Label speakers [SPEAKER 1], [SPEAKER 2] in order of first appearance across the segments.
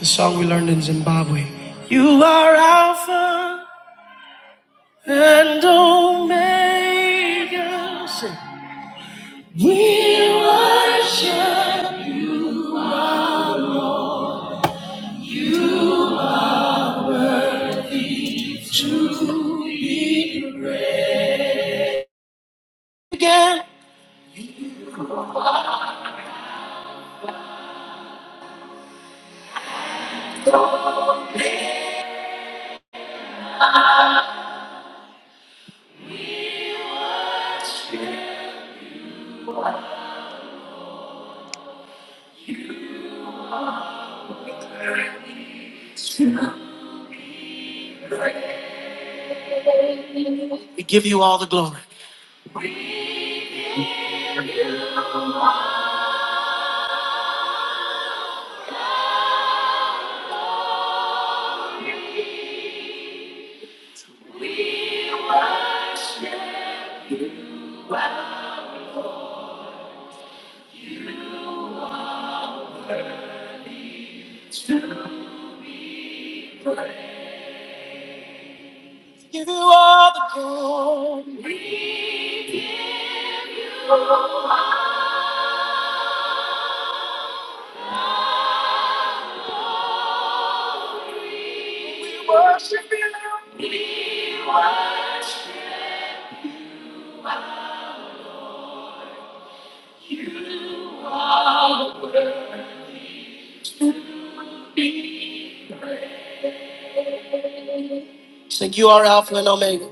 [SPEAKER 1] The song we learned in Zimbabwe. You are Alpha and Omega. Say, We worship you again. We give you all the glory. We give you all the glory. Sing, you are Alpha and Omega.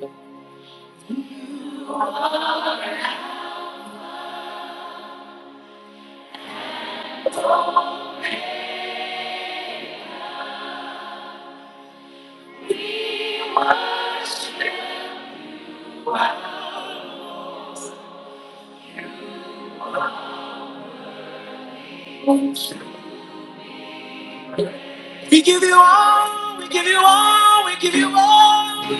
[SPEAKER 1] We give you all, we give you all, we give you all.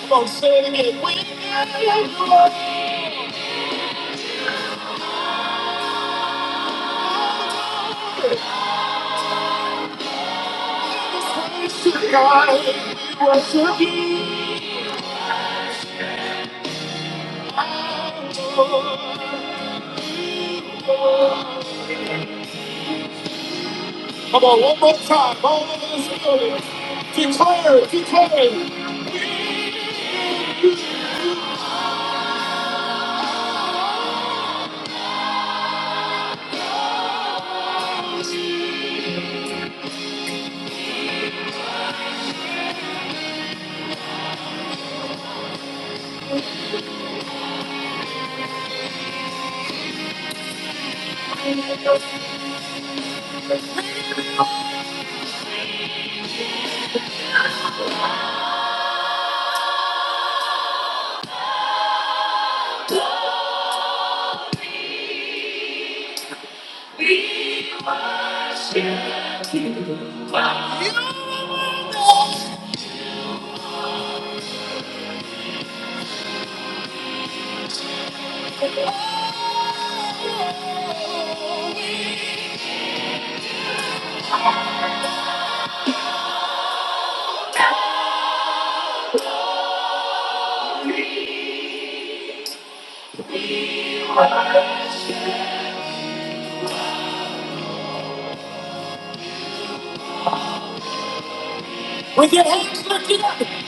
[SPEAKER 1] Come on, sing it. We give you all. to God. Come on, one more time. All over this building. Declare, it, declare. it.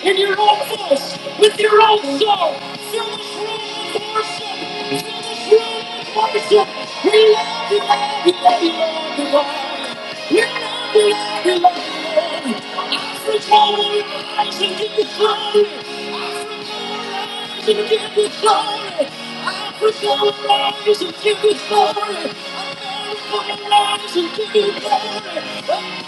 [SPEAKER 1] in your own voice, with your own soul. Fill this room with worship. Fill this room with worship. We love you, love you, love you, love you, Lord. We love you, love you, love you, Lord. Every morning rise and give you glory. Every morning rise and give you glory. Every will rise and give you glory. Every morning rise and give you glory.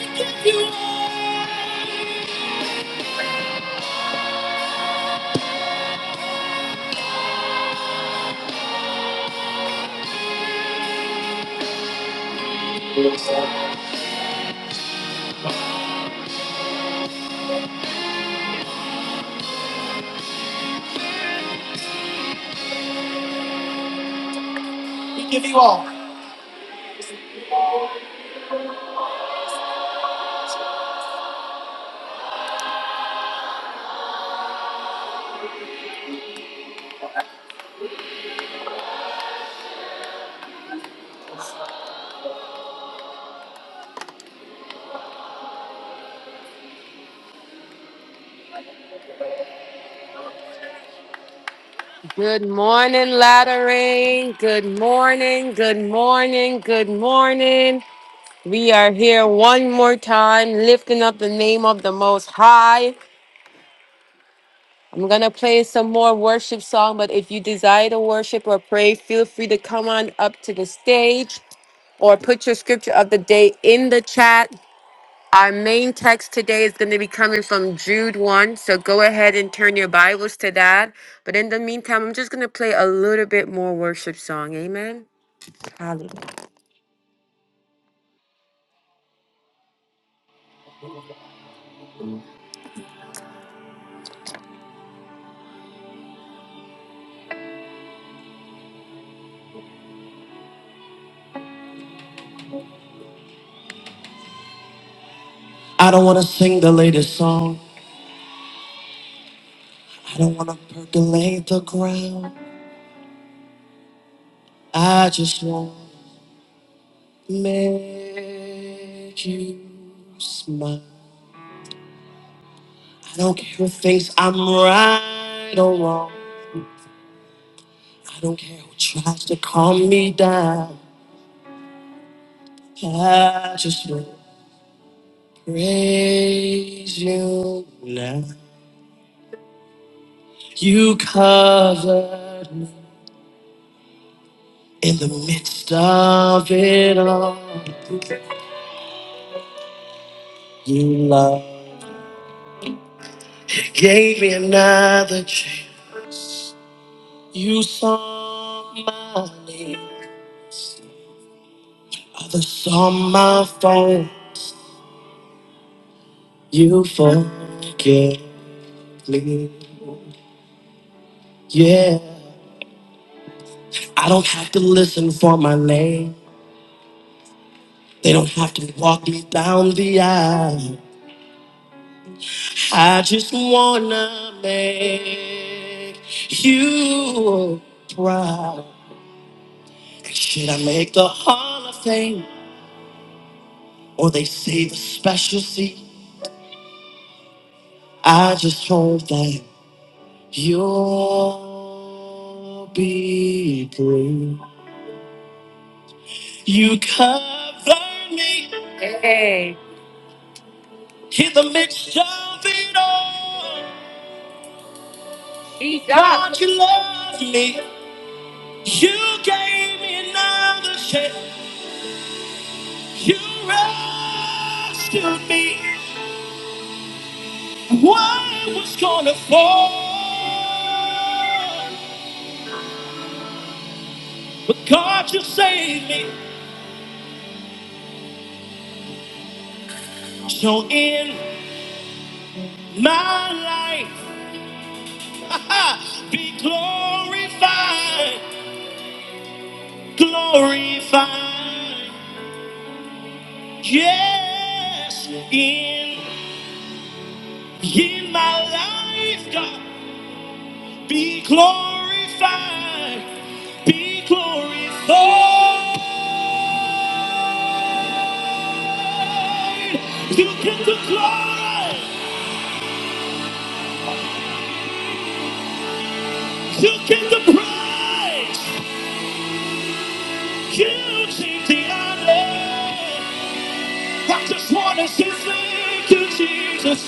[SPEAKER 1] And we give you all. We give you all. Good morning, Lattering. Good morning, good morning, good morning. We are here one more time, lifting up the name of the Most High. I'm going to play some more worship song, but if you desire to worship or pray, feel free to come on up to the stage or put your scripture of the day in the chat. Our main text today is going to be coming from Jude 1, so go ahead and turn your Bibles to that. But in the meantime, I'm just going to play a little bit more worship song. Amen. Hallelujah. I don't want to sing the latest song. I don't want to percolate the ground. I just want to make you smile. I don't care who thinks I'm right or wrong. I don't care who tries to calm me down. I just want Praise you now. You covered me in the midst of it all. You love. gave me another chance. You saw my name. Others saw my phone. You forgive me. Yeah. I don't have to listen for my name. They don't have to walk me down the aisle. I just wanna make you proud. Should I make the Hall of Fame or they save a special seat? I just hope that you'll be brave. You cover me. Hey. In the midst of it all. Jesus. God, you love me. You gave me another chance. You rescued me. when I was gonna fall, but God, you saved me. So in my life, ah, be glorified, glorified. Yes, in in my life, God, be glorified, be glorified. Hey, You get the glory. You get the praise. You take the honor. I just want to say thank you, Jesus.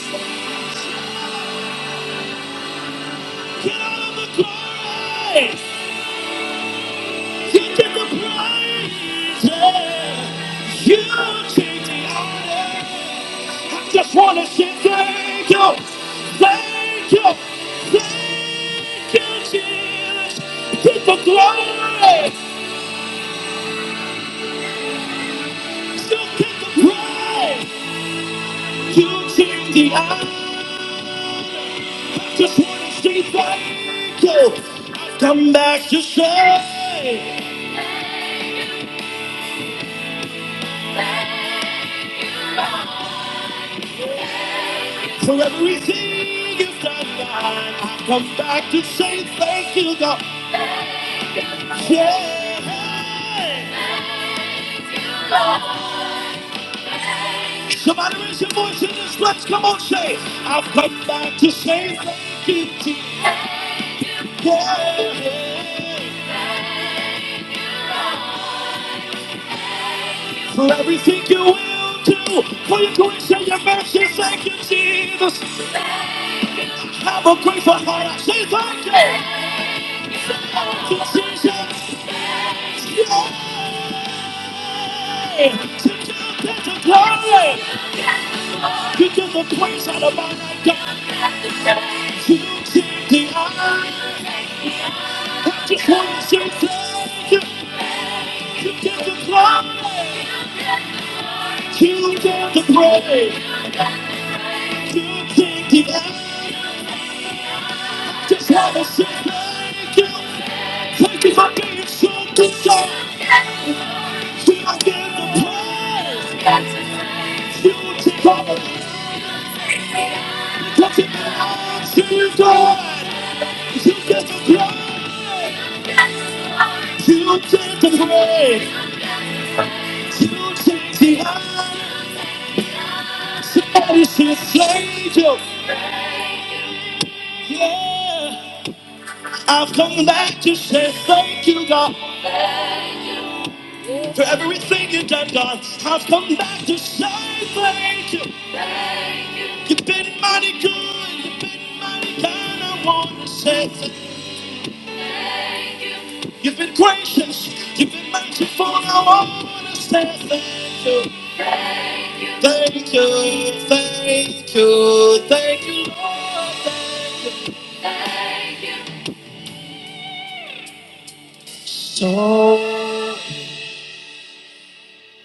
[SPEAKER 1] Get all of the glory. He did the praise. Yeah. You take the honor. I just want to say thank you. Thank you. Thank you, Jesus. Get the glory. You get the praise. You take the honor. I just want to say thank you. I've come back to say for everything you've done. God. I've come back to say thank you, God. Yeah. Somebody raise your voice in this place. Come on, say, I've come back to say thank you, Jesus. Yeah. For everything you will do, for your grace and your mercy, thank you, Jesus. Have a grateful heart. I say thank you, to Jesus. Yeah. To give you the glory, to give the praise out of my God. To you, Jesus. I just want to say thank you. You did the blood, you did the grave, you did the end. Just want to say thank you. Thank you for being so good, sir. You did the praise, you did all the because it belongs to you, God. You did the blood, you did the grave, you did the end. Somebody say thank you, yeah. I've come back to say thank you, God. For everything you done, God, I've come back to say thank you. You've been mighty good, you've been mighty kind, I wanna say thank you. You've been gracious, you've been merciful, I wanna say thank you. Thank you, thank you, thank you, Lord, thank you. So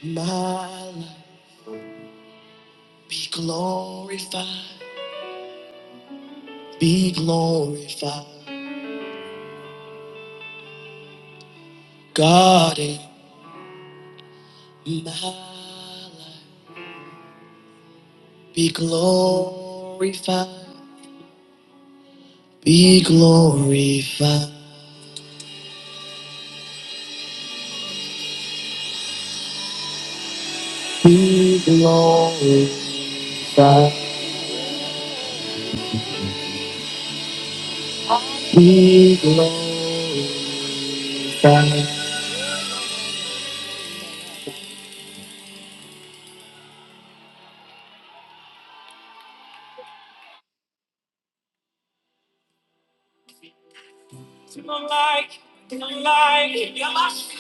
[SPEAKER 1] my life be glorified, be glorified, God. in In My life Be glorified, be glorified, be glorified, be glorified. To the like, to the like, you must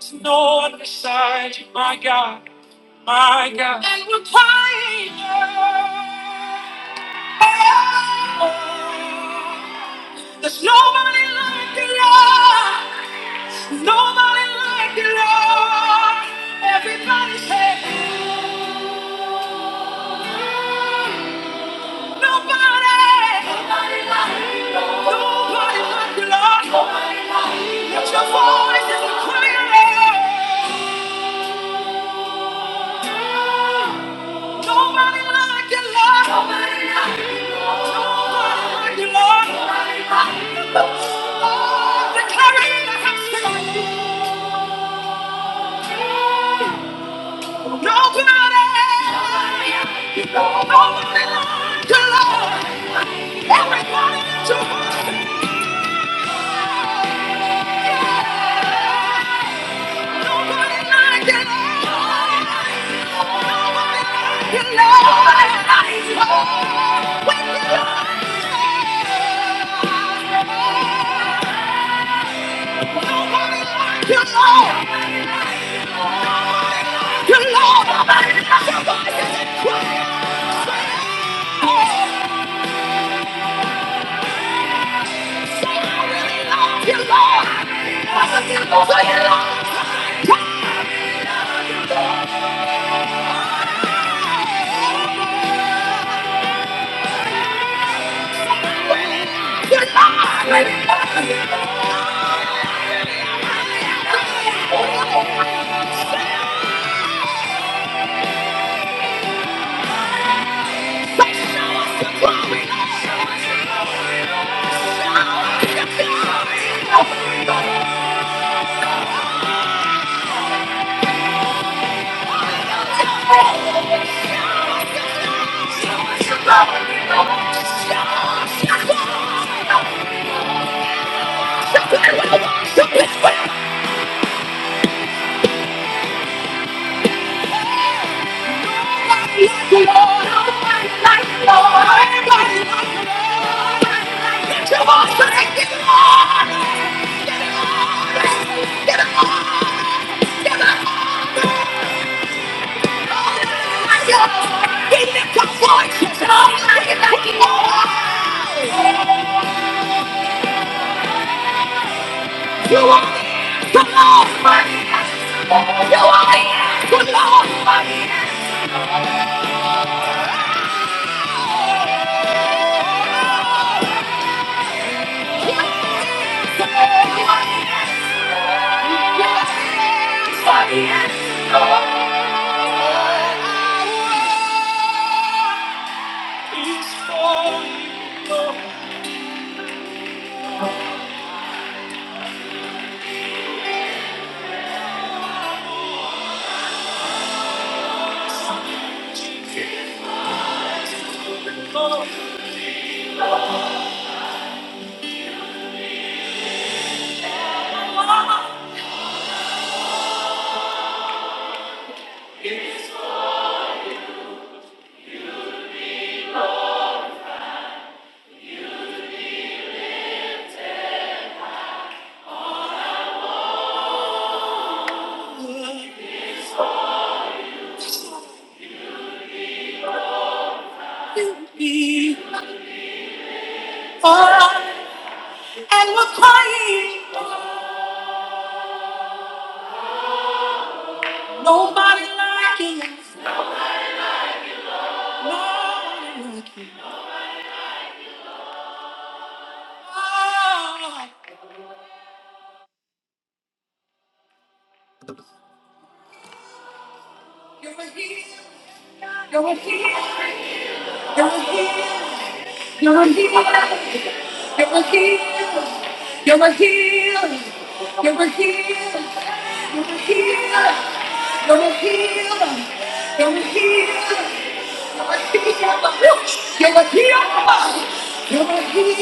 [SPEAKER 1] to no one beside you, my God, my God. And we're crying. There's nobody like you, Lord. Nobody like you, Lord. Everybody say, nobody. Nobody like you, Lord. Nobody like you, Lord. Nobody like you, Lord. Lift your voice and cry out. Nobody like you, Lord. Nobody like you, Lord. Nobody like you, Lord. Nobody like you, Lord. Oh, declare it in the house tonight. Nobody. Nobody like you, Lord. Nobody like you, Lord. Everybody in your heart. Yeah. Lord. you. you are the Yes, yes, the yes. be on and we're crying. Nobody like you. Lord. You're, you're, you're a healer. You're a healer. You're a healer. You're a healer. You're a healer. You're a healer. You're a healer. You're a healer. You're a healer. You're a healer. You're a healer. You're a healer. You're a healer. You're a healer. You're a healer. You're a healer. You're a healer. You're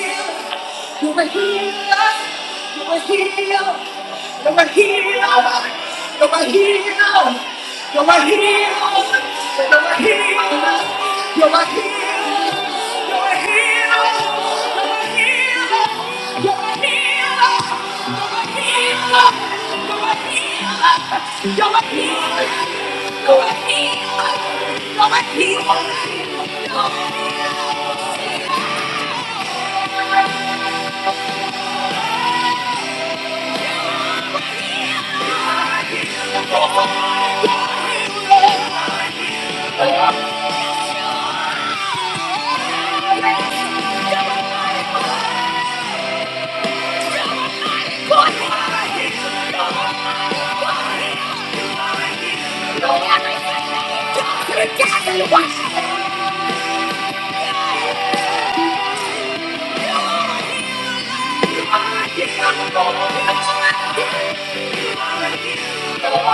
[SPEAKER 1] a healer. You're a healer. You're a healer. You're a healer. You're a healer. You're a healer. You're a healer.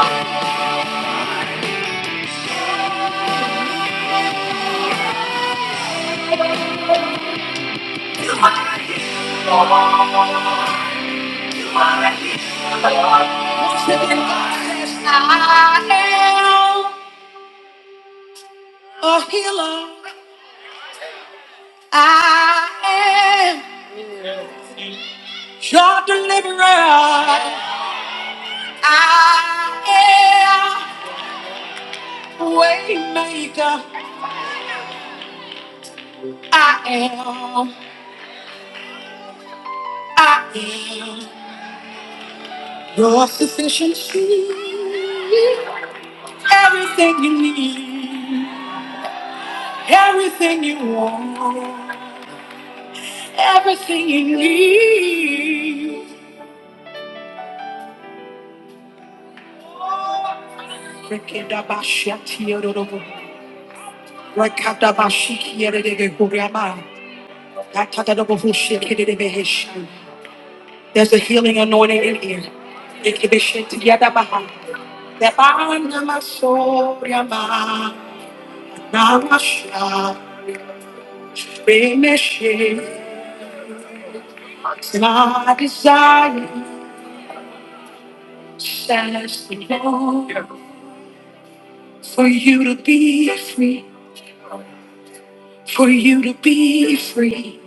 [SPEAKER 1] You're everything. You're together. I am a healer. I am. Your deliverer, I am. Waymaker, I am. I am. Your sufficiency, everything you need, everything you want, everything you need. Rekedabashatiyarodobo, rekadabashikiyadedegehuriyama, There's a healing anointing in here. It can be shit together behind. That of my soul, your mind, now my shot. Remissions, my desire, says the Lord. For you to be free, for you to be free,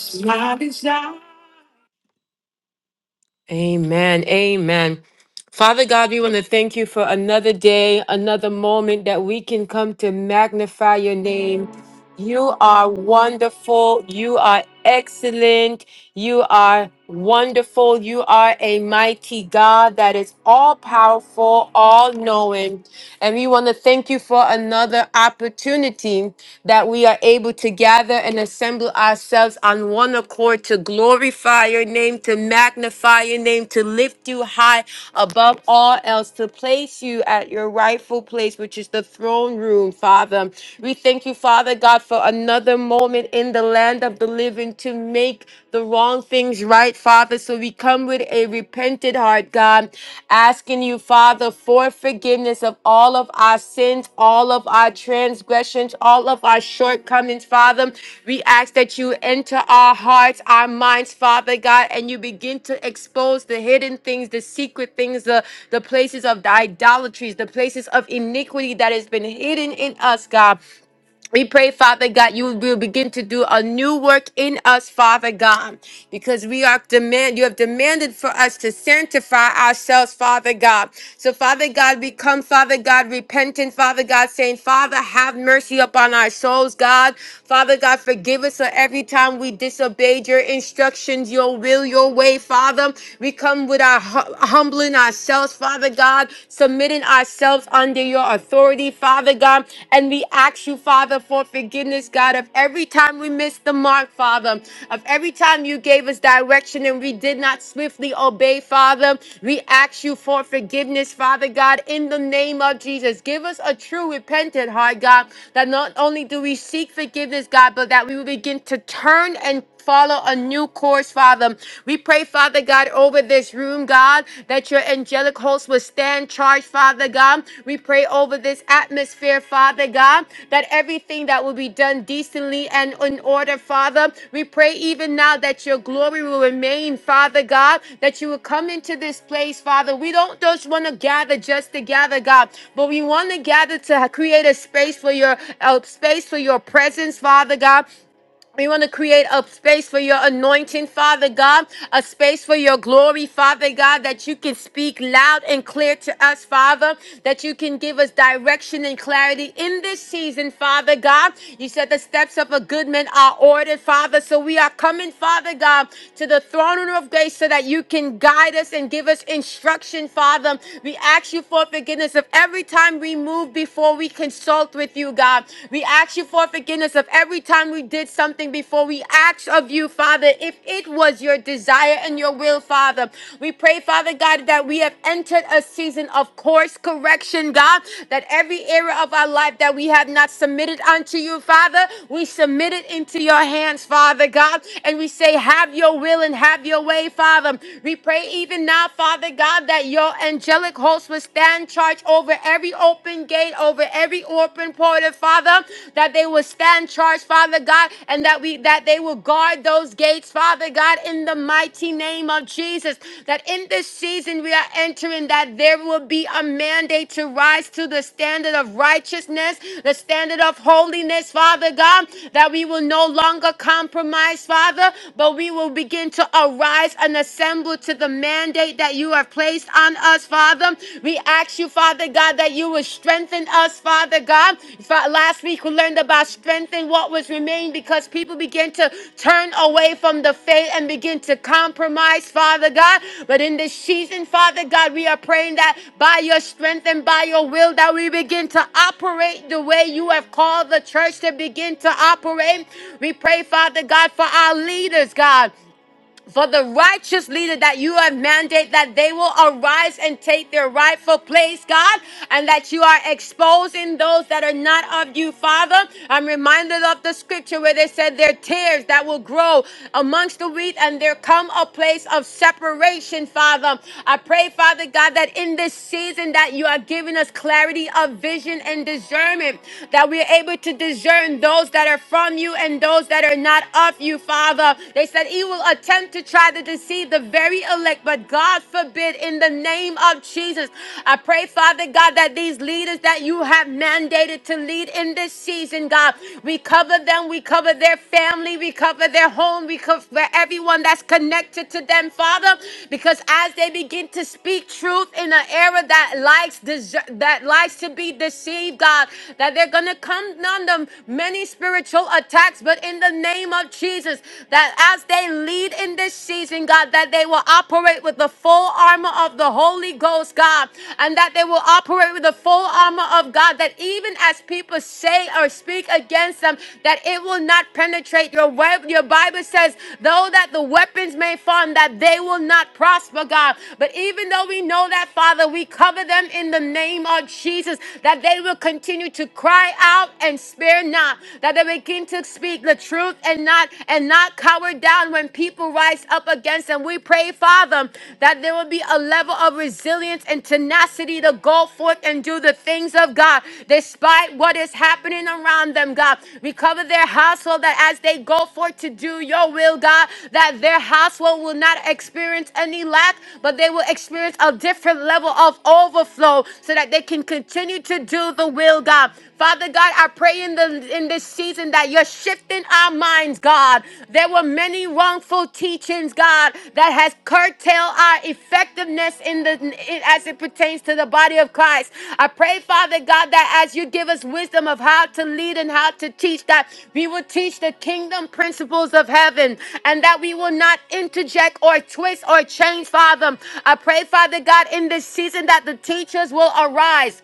[SPEAKER 1] it's my desire. Amen. Amen. Father God, we want to thank you for another day, another moment that we can come to magnify your name. You are wonderful. You are excellent. You are wonderful. You are a mighty God that is all powerful, all knowing. And we want to thank you for another opportunity that we are able to gather and assemble ourselves on one accord to glorify your name, to magnify your name, to lift you high above all else, to place you at your rightful place, which is the throne room, Father. We thank you, Father God, for another moment in the land of the living to make the wrong things right, Father. So we come with a repented heart, God, asking you, Father, for forgiveness of all of our sins, all of our transgressions, all of our shortcomings, Father. We ask that you enter our hearts, our minds, Father God, and you begin to expose the hidden things, the secret things, the, the places of the idolatries, the places of iniquity that has been hidden in us, God. We pray, Father God, you will begin to do a new work in us, Father God, because we are demand. You have demanded for us to sanctify ourselves, Father God. So, Father God, we come, Father God, repentant, Father God, saying, Father, have mercy upon our souls, God. Father God, forgive us for every time we disobeyed your instructions, your will, your way, Father. We come with our hu- humbling ourselves, Father God, submitting submitting ourselves under your authority, Father God. And we ask you, Father, for forgiveness, God, of every time we missed the mark, Father, of every time you gave us direction and we did not swiftly obey, Father. We ask you for forgiveness, Father God, in the name of Jesus. Give us a true repentant heart, God, that not only do we seek forgiveness, God, but that we will begin to turn and follow a new course, Father. We pray, Father God, over this room, God, that your angelic host will stand charged, Father God. We pray over this atmosphere, Father God, that everything that will be done decently and in order, Father. We pray even now that your glory will remain, Father God, that you will come into this place, Father. We don't just want to gather just to gather, God, but we want to gather to create a space for your a space for your presence, Father God. We want to create a space for your anointing, Father God, a space for your glory, Father God, that you can speak loud and clear to us, Father, that you can give us direction and clarity in this season, Father God. You said the steps of a good man are ordered, Father. So we are coming, Father God, to the throne room of grace so that you can guide us and give us instruction, Father. We ask you for forgiveness of every time we move before we consult with you, God. God. We ask you for forgiveness of every time we did something before. We ask of you, Father, if it was your desire and your will, Father. We pray, Father God, that we have entered a season of course correction, God, that every area of our life that we have not submitted unto you, Father, we submit it into your hands, Father God, and we say, Have your will and have your way, Father. We pray even now, Father God, that your angelic host will stand charge over every open gate, over every open portal, Father, that they will stand charged, Father God, and that we that they will guard those gates, Father God, in the mighty name of Jesus. That in this season we are entering, that there will be a mandate to rise to the standard of righteousness, the standard of holiness, Father God, that we will no longer compromise, Father, but we will begin to arise and assemble to the mandate that that you have placed on us, Father. We ask you, Father God, that you would strengthen us, Father God. Fa- Last week we learned about strengthening what was remained because people begin to turn away from the faith and begin to compromise, Father God. But in this season, Father God, we are praying that by your strength and by your will that we begin to operate the way you have called the church to begin to operate. We pray, Father God, for our leaders, God for the righteous leader that you have mandate that they will arise and take their rightful place, God, and that you are exposing those that are not of you, Father. I'm reminded of the scripture where they said their tears that will grow amongst the wheat and there come a place of separation, Father. I pray, Father God, that in this season that you are giving us clarity of vision and discernment, that we are able to discern those that are from you and those that are not of you, Father. Father. They said he will attempt to try to deceive the very elect, but God forbid in the name of Jesus. I pray, Father God, that these leaders that you have mandated to lead in this season, God, we cover them, we cover their family, we cover their home, we cover everyone that's connected to them, Father, because as they begin to speak truth in an era that likes dese- that likes to be deceived, God, that they're gonna come on them many spiritual attacks, but but in the name of Jesus, that as they lead in this season, God, that they will operate with the full armor of the Holy Ghost, God, and that they will operate with the full armor of God, that even as people say or speak against them, that it will not penetrate your web. Your Bible says, though that the weapons may form, that they will not prosper, God. But even though we know that, Father, we cover them in the name of Jesus, that they will continue to cry out and spare and not, that they begin to speak the truth and not and not cower down when people rise up against them. We pray, Father, that there will be a level of resilience and tenacity to go forth and do the things of God, despite what is happening around them, God. Recover their household that as they go forth to do your will, God, that their household will not experience any lack, but they will experience a different level of overflow so that they can continue to do the will, God. Father God, I pray in the in this season that you're shifting our minds, God. There were many wrongful teachings, God, that has curtailed our effectiveness in the in, as it pertains to the body of Christ. I pray, Father God, that as you give us wisdom of how to lead and how to teach, that we will teach the kingdom principles of heaven, and that we will not interject or twist or change, Father. I pray, Father God, in this season that the teachers will arise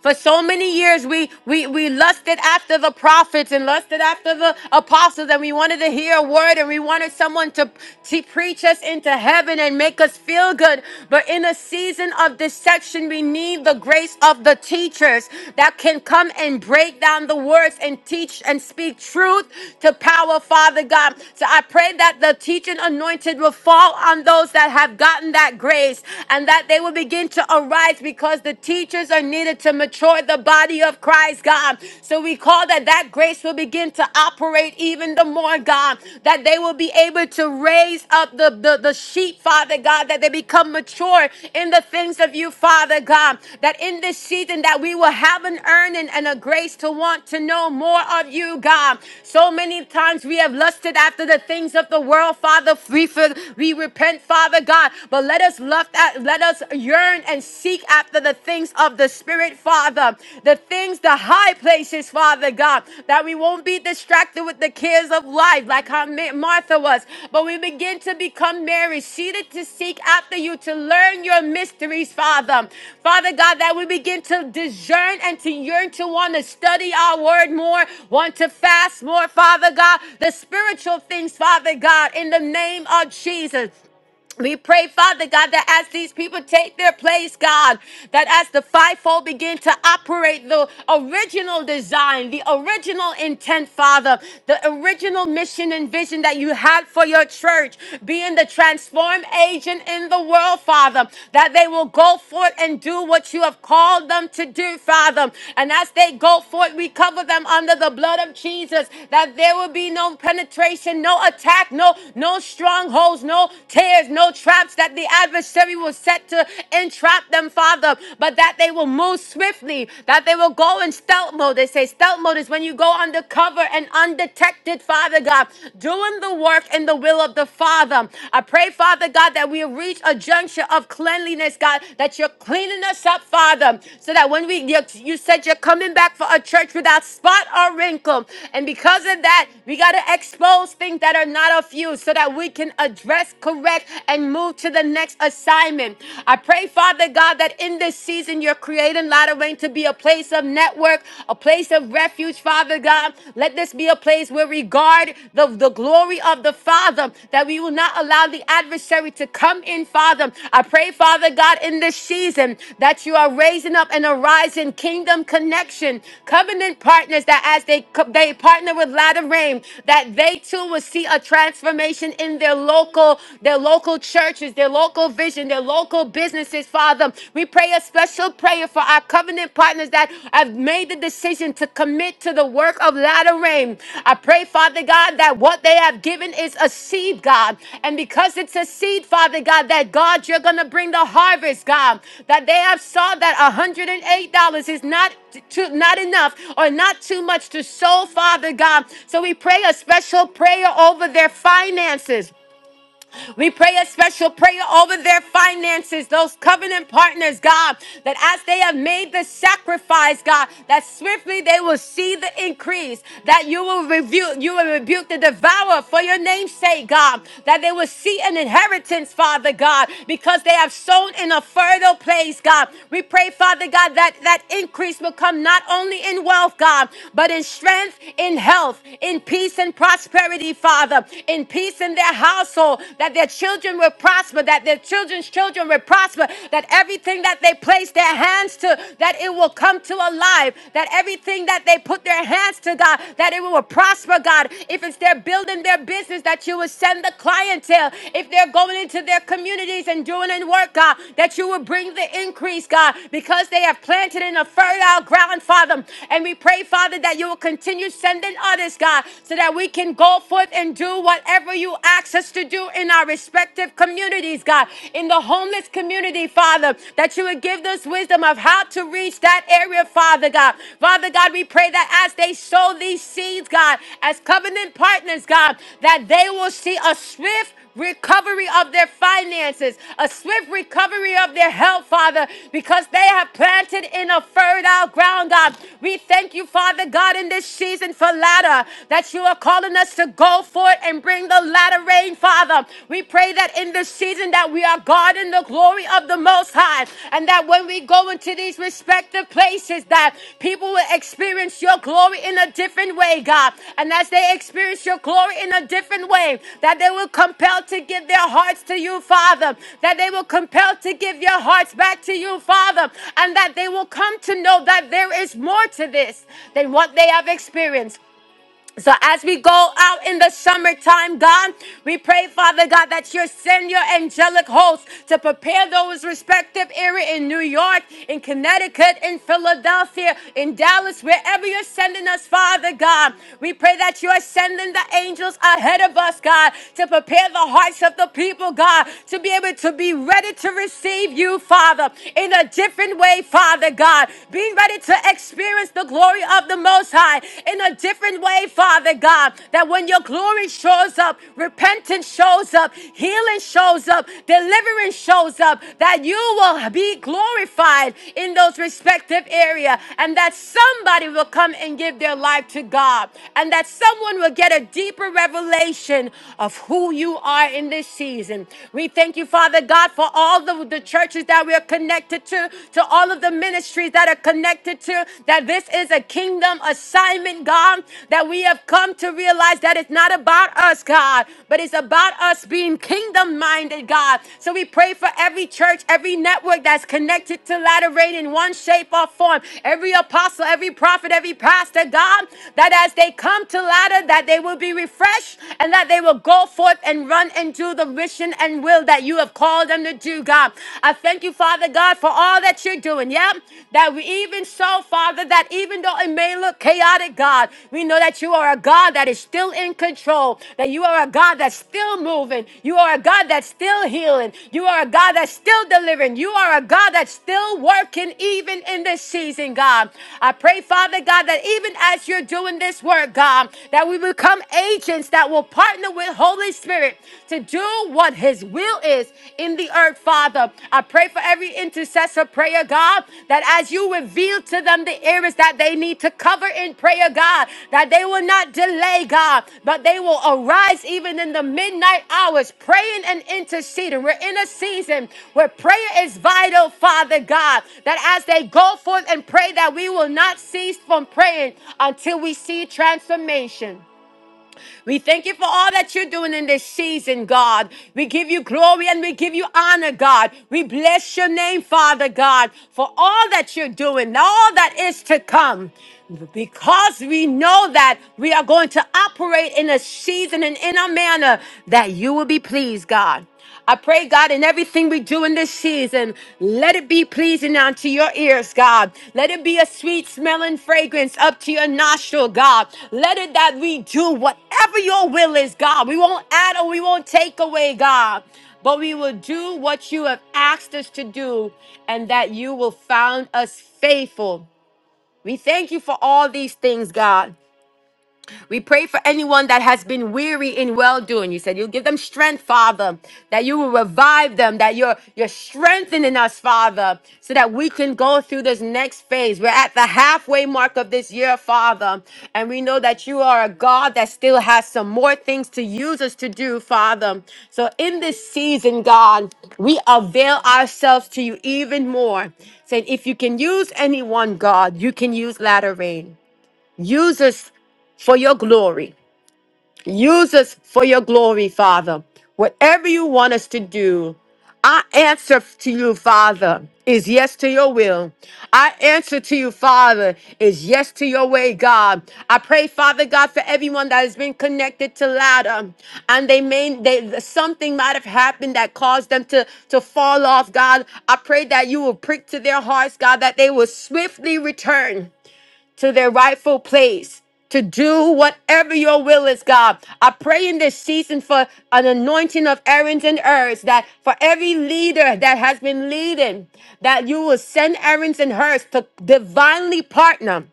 [SPEAKER 1] for so many years, we we we lusted after the prophets and lusted after the apostles, and we wanted to hear a word, and we wanted someone to, to preach us into heaven and make us feel good. But in a season of deception, we need the grace of the teachers that can come and break down the words and teach and speak truth to power, Father God. So I pray that the teaching anointed will fall on those that have gotten that grace and that they will begin to arise it's because the teachers are needed to mature the body of Christ, God. So we call that that grace will begin to operate even the more, God, that they will be able to raise up the, the, the sheep, Father God, that they become mature in the things of you, Father God, that in this season that we will have an earning and a grace to want to know more of you, God. So many times we have lusted after the things of the world, Father. We, for- we repent, Father God, but let us lust that let us yearn and seek after the things of the spirit, Father. The things, the high places, Father God, that we won't be distracted with the cares of life like how Ma- Martha was, but we begin to become Mary, seated to seek after you, to learn your mysteries, Father. Father God, that we begin to discern and to yearn to want to study our word more, want to fast more, Father God, the spiritual things, Father God, in the name of Jesus. We pray, Father God, that as these people take their place, God, that as the fivefold begin to operate the original design, the original intent, Father, the original mission and vision that you had for your church, being the transform agent in the world, Father, that they will go forth and do what you have called them to do, Father. And as they go forth, we cover them under the blood of Jesus, that there will be no penetration, no attack, no no strongholds, no snares, no traps that the adversary will set to entrap them, Father, but that they will move swiftly, that they will go in stealth mode. They say stealth mode is when you go undercover and undetected, Father God, doing the work in the will of the Father. I pray, Father God, that we reach a juncture of cleanliness, God, that you're cleaning us up, Father, so that when we, you, you said you're coming back for a church without spot or wrinkle. And because of that, we got to expose things that are not of you so that we can address yes, correct, and move to the next assignment. I pray, Father God, that in this season you're creating Latter Rain to be a place of network, a place of refuge, Father God. Let this be a place where we guard the, the glory of the Father, that we will not allow the adversary to come in, Father. I pray, Father God, in this season that you are raising up and arising kingdom connection, covenant partners that as they, co- they partner with Latter Rain, that they too will see a transformation in their local local, their local churches, their local vision, their local businesses, Father. We pray a special prayer for our covenant partners that have made the decision to commit to the work of latter rain. I pray, Father God, that what they have given is a seed, God. And because it's a seed, Father God, that God, you're going to bring the harvest, God. That they have saw that $108 is not too, not enough or not too much to sow, Father God. So we pray a special prayer over their finances. We pray a special prayer over their finances, those covenant partners, God, that as they have made the sacrifice, God, that swiftly they will see the increase, that you will rebuke, you will rebuke the devourer for your name's sake, God, that they will see an inheritance, Father God, because they have sown in a fertile place, God. We pray, Father God, that that increase will come not only in wealth, God, but in strength, in health, in peace and prosperity, Father, in peace in their in their household, that their children will prosper, that their children's children will prosper, that everything that they place their hands to, that it will come to alive, that everything that they put their hands to, God, that it will prosper, God. If it's they're building their business, that you will send the clientele. If they're going into their communities and doing and work, God, that you will bring the increase, God, because they have planted in a fertile ground, Father. And we pray, Father, that you will continue sending others, God, so that we can go forth and and do whatever you ask us to do in our respective communities, God, in the homeless community, Father, that you would give us wisdom of how to reach that area, Father God. Father God, we pray that as they sow these seeds, God, as covenant partners, God, that they will see a swift recovery of their finances, a swift recovery of their health, Father, because they have planted in a fertile ground, God. We thank you, Father God, in this season for ladder, that you are calling us to go for it and bring the ladder rain, Father. We pray that in this season that we are God in the glory of the Most High, and that when we we go into these respective places, that people will experience your glory in a different way, God. And as they experience your glory in a different way, that they will compel to give their hearts to you, Father. That they will compel to give your hearts back to you, Father. And that they will come to know that there is more to this than what they have experienced. So as we go out in the summertime, God, we pray, Father God, that you send your angelic hosts to prepare those respective area in New York, in Connecticut, in Philadelphia, in Dallas, wherever you're sending us, Father God. We pray that you are sending the angels ahead of us, God, to prepare the hearts of the people, God, to be able to be ready to receive you, Father, in a different way, Father God. Being ready to experience the the glory of the Most High in a different way, Father God. That when your glory shows up, repentance shows up, healing shows up, deliverance shows up, that you will be glorified in those respective areas, and that somebody will come and give their life to God and that someone will get a deeper revelation of who you are in this season. We thank you, Father God, for all the, the churches that we are connected to, to to all of the ministries that are connected to that this is a kingdom assignment, God, that we have come to realize that it's not about us, God, but it's about us being kingdom minded, God. So we pray for every church, every network that's connected to Latter Rain in one shape or form, every apostle, every prophet, every pastor, God, that as they come to Latter, that they will be refreshed and that they will go forth and run and do the mission and will that you have called them them to do, God. I thank you, Father God, for all that you're doing. Yeah, that we even so, Father, that even though it may look chaotic, God, we know that you are a God that is still in control, that you are a God that's still moving, you are a God that's still healing, you are a God that's still delivering, you are a God that's still working even in this season, God. I pray, Father God, that even as you're doing this work, God, that we become agents that will partner with Holy Spirit. Spirit to do what His will is in the earth, Father. I pray for every intercessor prayer, God, that as you reveal to them the areas that they need to cover in prayer, God, that they will not delay, God, but they will arise even in the midnight hours, praying and interceding. We're in a season where prayer is vital, Father God, that as they go forth and pray, that we will not cease from praying until we see transformation. We thank you for all that you're doing in this season, God. We give you glory and we give you honor, God. We bless your name, Father God, for all that you're doing, all that is to come. Because we know that we are going to operate in a season and in a manner that you will be pleased, God. I pray, God, in everything we do in this season, let it be pleasing unto your ears, God. Let it be a sweet smelling fragrance up to your nostril, God. Let it that we do whatever your will is, God. We won't add or we won't take away, God. But we will do what you have asked us to do, and that you will found us faithful. We thank you for all these things, God. We pray for anyone that has been weary in well doing. You said you'll give them strength, Father, that you will revive them, that you're, you're strengthening us, Father, so that we can go through this next phase. We're at the halfway mark of this year, Father, and we know that you are a God that still has some more things to use us to do, Father. So in this season, God, we avail ourselves to you even more, saying, if you can use anyone, God, you can use latter rain. Use us for your glory. Use us for your glory, Father. Whatever you want us to do, our answer to you, Father, is yes to your will. Our answer to you, Father, is yes to your way, God. I pray, Father God, for everyone that has been connected to ladder, and they may they something might have happened that caused them to to fall off, God. I pray that you will prick to their hearts, God, that they will swiftly return to their rightful place to do whatever your will is, God. I pray in this season for an anointing of errands and herds that for every leader that has been leading, that you will send errands and herds to divinely partner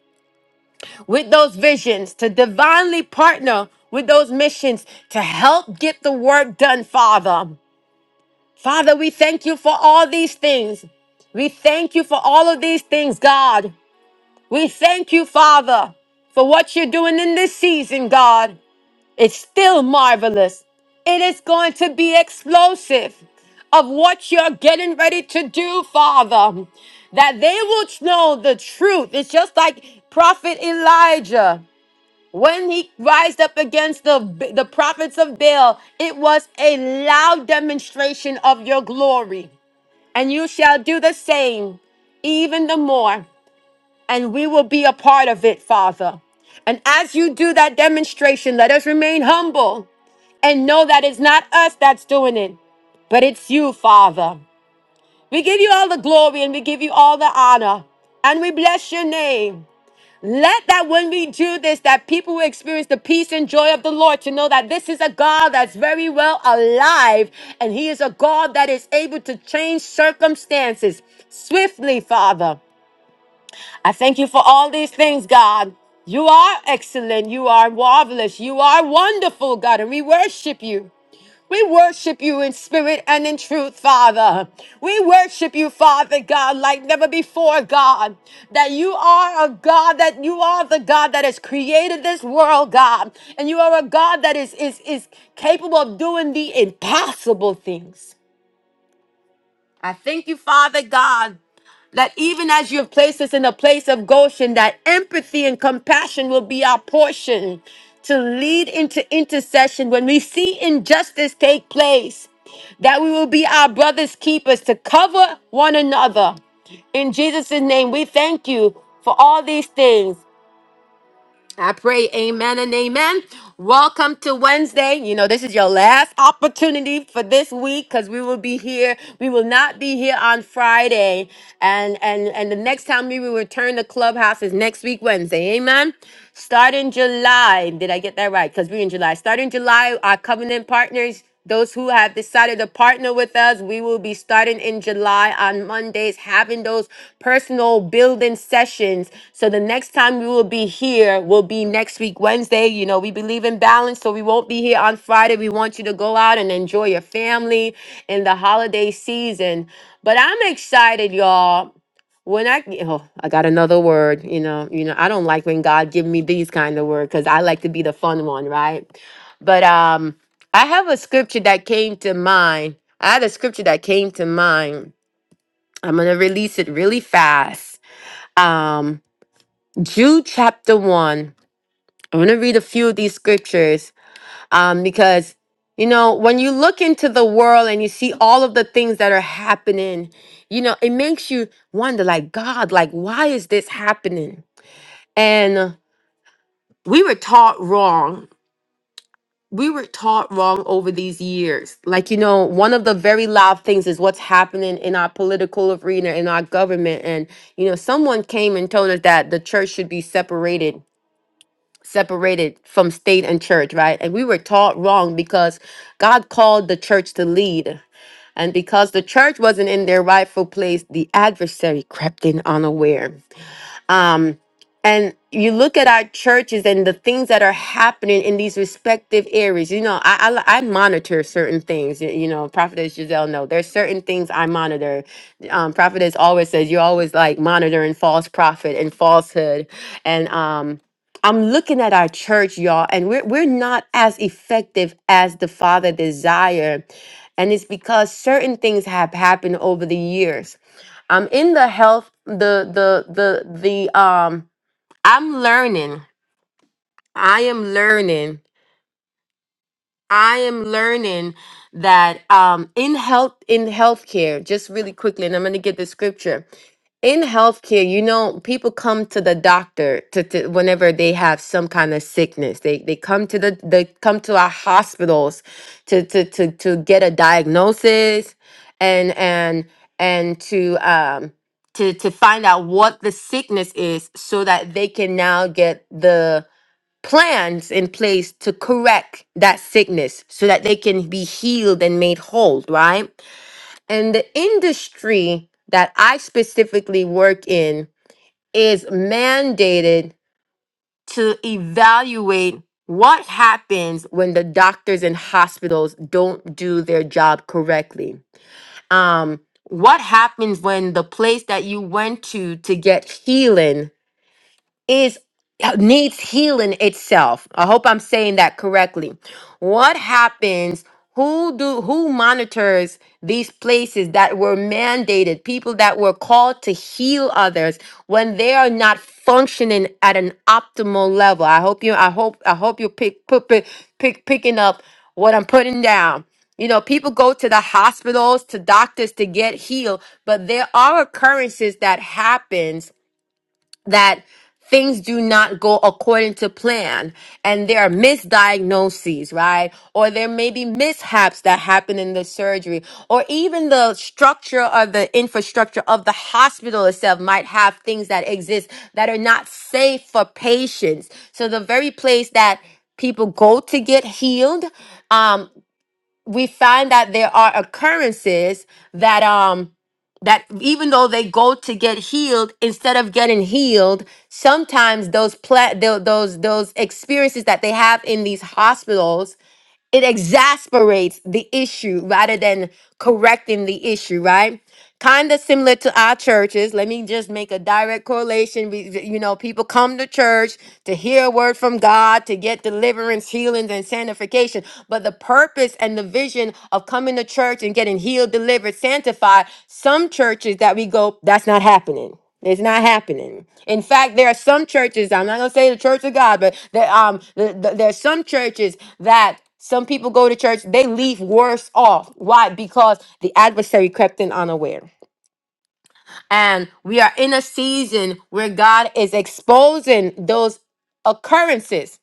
[SPEAKER 1] with those visions, to divinely partner with those missions to help get the work done, Father. Father, we thank you for all these things. We thank you for all of these things, God. We thank you, Father, for what you're doing in this season, God. It's still marvelous. It is going to be explosive of what you're getting ready to do, Father, that they will know the truth. It's just like Prophet Elijah. When he rised up against the, the prophets of Baal, it was a loud demonstration of your glory. And you shall do the same, even the more and we will be a part of it, Father. And as you do that demonstration, let us remain humble and know that it's not us that's doing it, but it's you, Father. We give you all the glory and we give you all the honor. And we bless your name. Let that when we do this, that people will experience the peace and joy of the Lord to know that this is a God that's very well alive. And he is a God that is able to change circumstances swiftly, Father. I thank you for all these things, God. You are excellent. You are marvelous. You are wonderful, God. And we worship you. We worship you in spirit and in truth, Father. We worship you, Father God, like never before, God. That you are a God, that you are the God that has created this world, God. And you are a God that is, is, is capable of doing the impossible things. I thank you, Father God, that even as you have placed us in the place of Goshen, that empathy and compassion will be our portion to lead into intercession when we see injustice take place, that we will be our brother's keepers to cover one another. In Jesus' name, we thank you for all these things. I pray amen and amen. Welcome to Wednesday. You know, this is your last opportunity for this week because we will be here. We will not be here on Friday. And and and the next time we will return to Clubhouse is next week, Wednesday. Amen. Starting July. Did I get that right? Because we're in July. Starting July, our covenant partners. Those who have decided to partner with us, we will be starting in July on Mondays, having those personal building sessions. So the next time we will be here will be next week, Wednesday. You know, we believe in balance, so we won't be here on Friday. We want you to go out and enjoy your family in the holiday season. But I'm excited, y'all when I oh, I got another word, you know, you know, I don't like when God give me these kind of words because I like to be the fun one, right? But um I have a scripture that came to mind. I had a scripture that came to mind. I'm going to release it really fast. Um, Jude chapter 1. I'm going to read a few of these scriptures um, because, you know, when you look into the world and you see all of the things that are happening, you know, it makes you wonder, like, God, like, why is this happening? And we were taught wrong we were taught wrong over these years. Like, you know, one of the very loud things is what's happening in our political arena, in our government. And, you know, someone came and told us that the church should be separated, separated from state and church, right? And we were taught wrong because God called the church to lead. And because the church wasn't in their rightful place, the adversary crept in unaware. Um, and you look at our churches and the things that are happening in these respective areas. You know, I I, I monitor certain things. y- You know, Prophetess Giselle, no, there's certain things I monitor. Um, Prophetess always says you're always like monitoring false prophet and falsehood, and um, I'm looking at our church, y'all, and we're we're not as effective as the Father desire, and it's because certain things have happened over the years I'm in the health the the the the um I'm learning. I am learning. I am learning that um in health in healthcare, just really quickly, and I'm gonna get the scripture in healthcare, you know, people come to the doctor to, to whenever they have some kind of sickness. They they come to the they come to our hospitals to to to to get a diagnosis and and and to um to to find out what the sickness is so that they can now get the plans in place to correct that sickness so that they can be healed and made whole, right? And the industry that I specifically work in is mandated to evaluate what happens when the doctors and hospitals don't do their job correctly. Um, what happens when the place that you went to to get healing is uh, needs healing itself. I hope I'm saying that correctly. What happens? Who do who monitors these places that were mandated, people that were called to heal others when they are not functioning at an optimal level? I hope you I hope I hope you pick pick pick, pick picking up what I'm putting down. You know, people go to the hospitals, to doctors to get healed, but there are occurrences that happens that things do not go according to plan and there are misdiagnoses right or there may be mishaps that happen in the surgery or even the structure of the infrastructure of the hospital itself might have things that exist that are not safe for patients so the very place that people go to get healed um, we find that there are occurrences that um that even though they go to get healed instead of getting healed sometimes those pla- tho- those those experiences that they have in these hospitals it exasperates the issue rather than correcting the issue, right? Kind of similar to our churches. Let me just make a direct correlation. We- You know, people come to church to hear a word from God, to get deliverance, healings, and sanctification. But the purpose and the vision of coming to church and getting healed, delivered, sanctified, some churches that we go, that's not happening. It's not happening. In fact, there are some churches. I'm not gonna say the Church of God, but there, um, the, the, there are some churches that some people go to church. They leave worse off. Why? Because the adversary crept in unaware, and we are in a season where God is exposing those occurrences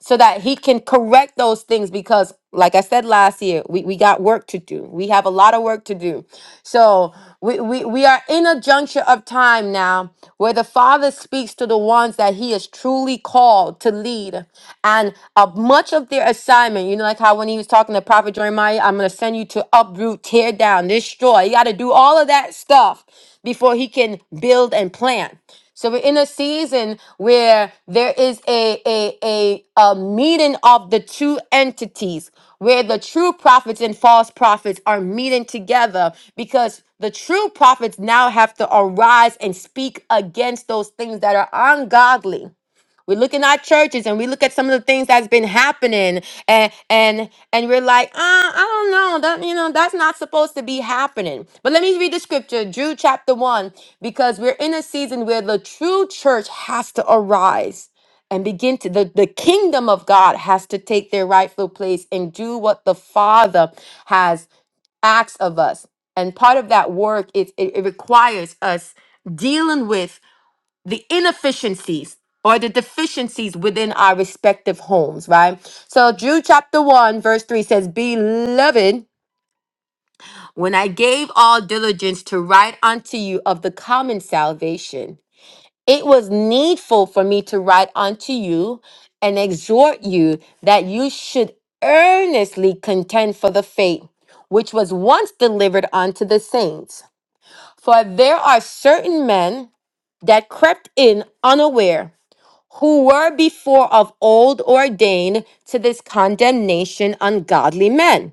[SPEAKER 1] so that he can correct those things because like i said last year we, we got work to do we have a lot of work to do so we, we, we are in a juncture of time now where the Father speaks to the ones that He is truly called to lead. And uh, much of their assignment, you know, like how when He was talking to Prophet Jeremiah, I'm going to send you to uproot, tear down, destroy. You got to do all of that stuff before He can build and plant. So we're in a season where there is a a a, a meeting of the two entities where the true prophets and false prophets are meeting together because the true prophets now have to arise and speak against those things that are ungodly we look in our churches and we look at some of the things that's been happening and and and we're like, uh, I don't know. That you know, that's not supposed to be happening. But let me read the scripture, Jude chapter one, because we're in a season where the true church has to arise and begin to the, the kingdom of God has to take their rightful place and do what the Father has asked of us. And part of that work is it, it requires us dealing with the inefficiencies or the deficiencies within our respective homes, right? So, Jude chapter 1, verse 3 says, Beloved, when I gave all diligence to write unto you of the common salvation, it was needful for me to write unto you and exhort you that you should earnestly contend for the faith which was once delivered unto the saints. For there are certain men that crept in unaware who were before of old ordained to this condemnation ungodly men,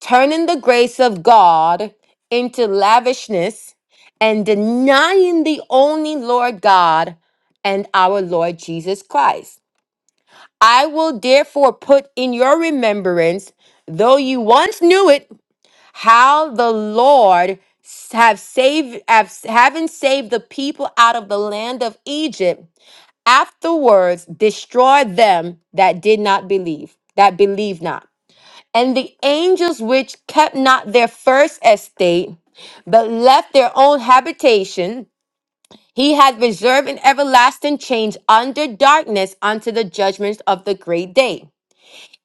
[SPEAKER 1] turning the grace of God into lavishness and denying the only Lord God and our Lord Jesus Christ. I will therefore put in your remembrance, though you once knew it, how the Lord have saved have, having saved the people out of the land of Egypt afterwards destroy them that did not believe, that believe not. And the angels which kept not their first estate, but left their own habitation, he hath reserved in everlasting change under darkness unto the judgment of the great day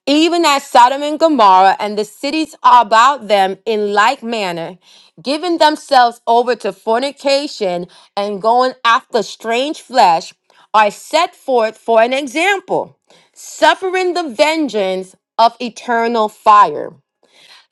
[SPEAKER 1] even as Sodom and Gomorrah and the cities about them in like manner, giving themselves over to fornication and going after strange flesh, are set forth for an example, suffering the vengeance of eternal fire.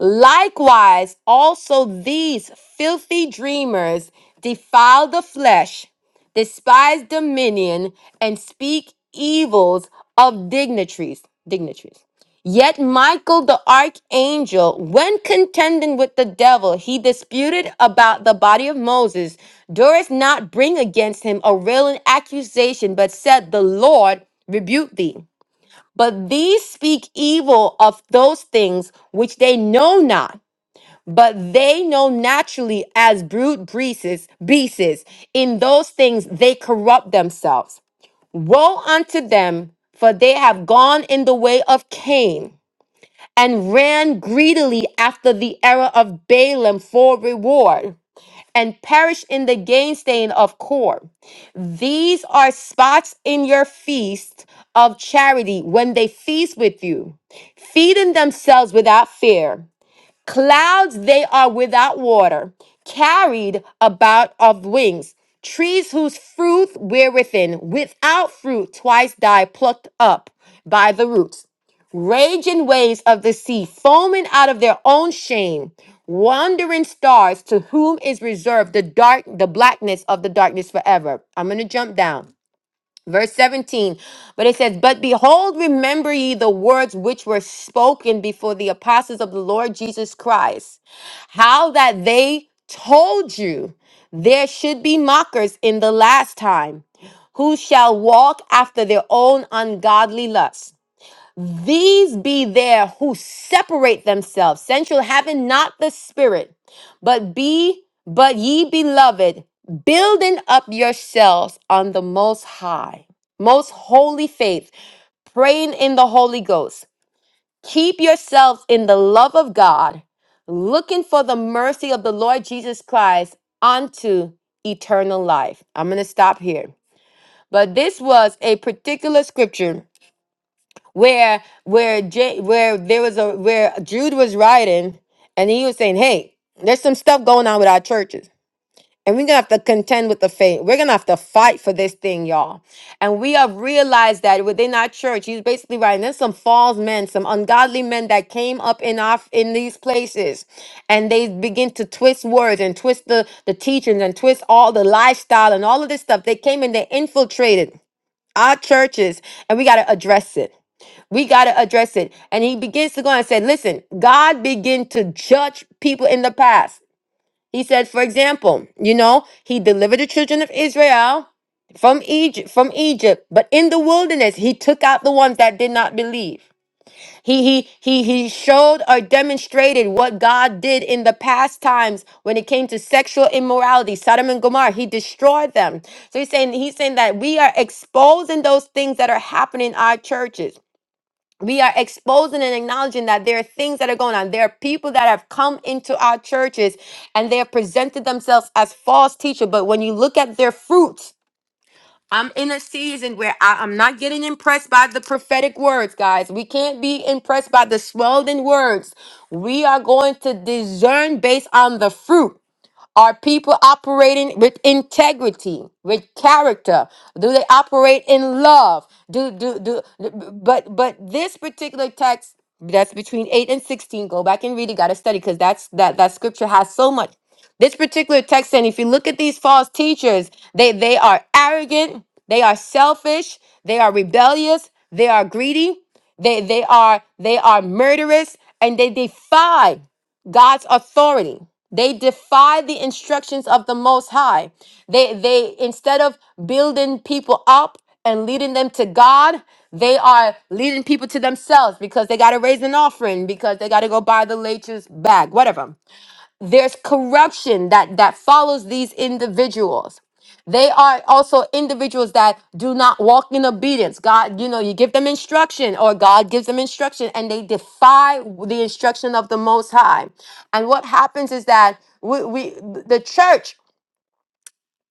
[SPEAKER 1] Likewise, also these filthy dreamers defile the flesh, despise dominion, and speak evils of dignitaries. Dignitaries. Yet Michael the archangel, when contending with the devil, he disputed about the body of Moses, durst not bring against him a railing accusation, but said, The Lord rebuke thee. But these speak evil of those things which they know not, but they know naturally as brute beasts, beasts. In those things they corrupt themselves. Woe unto them, for they have gone in the way of Cain and ran greedily after the error of Balaam for reward and perished in the gainsaying of Kor. These are spots in your feast of charity when they feast with you, feeding themselves without fear. Clouds they are without water, carried about of wings. Trees whose fruit were within, without fruit, twice die, plucked up by the roots raging waves of the sea, foaming out of their own shame, wandering stars to whom is reserved the dark, the blackness of the darkness forever. I'm gonna jump down. Verse 17, but it says, But behold, remember ye the words which were spoken before the apostles of the Lord Jesus Christ, how that they told you there should be mockers in the last time, who shall walk after their own ungodly lusts these be there who separate themselves, sensual, having not the spirit, but be, but ye beloved, building up yourselves on the most high, most holy faith, praying in the Holy Ghost. Keep yourselves in the love of God, looking for the mercy of the Lord Jesus Christ unto eternal life. I'm going to stop here. But this was a particular scripture where where J, where there was a where Jude was writing and he was saying, "Hey, there's some stuff going on with our churches." And we're gonna have to contend with the faith. We're gonna have to fight for this thing, y'all. And we have realized that within our church, he's basically writing. There's some false men, some ungodly men that came up in our in these places, and they begin to twist words and twist the the teachings and twist all the lifestyle and all of this stuff. They came and they infiltrated our churches, and we gotta address it. We got to address it. And he begins to go and said, listen, God began to judge people in the past. He said, for example, you know, he delivered the children of Israel from Egypt, from Egypt, but in the wilderness, he took out the ones that did not believe. He he he he showed or demonstrated what God did in the past times when it came to sexual immorality, Sodom and Gomorrah. He destroyed them. So he's saying he's saying that we are exposing those things that are happening in our churches we are exposing and acknowledging that there are things that are going on. There are people that have come into our churches and they have presented themselves as false teachers. But when you look at their fruits, I'm in a season where I, am not getting impressed by the prophetic words, guys. We can't be impressed by the swelling words. We are going to discern based on the fruit. Are people operating with integrity, with character? Do they operate in love? Do do do but but this particular text that's between 8 and 16 go back and read it got to study cuz that's that that scripture has so much this particular text and if you look at these false teachers they they are arrogant they are selfish they are rebellious they are greedy they they are they are murderous and they defy God's authority. They defy the instructions of the Most High. They they instead of building people up and leading them to God, they are leading people to themselves because they got to raise an offering because they got to go buy the latest bag, whatever. There's corruption that that follows these individuals. They are also individuals that do not walk in obedience. God, you know, you give them instruction or God gives them instruction and they defy the instruction of the Most High. And what happens is that we, we the church,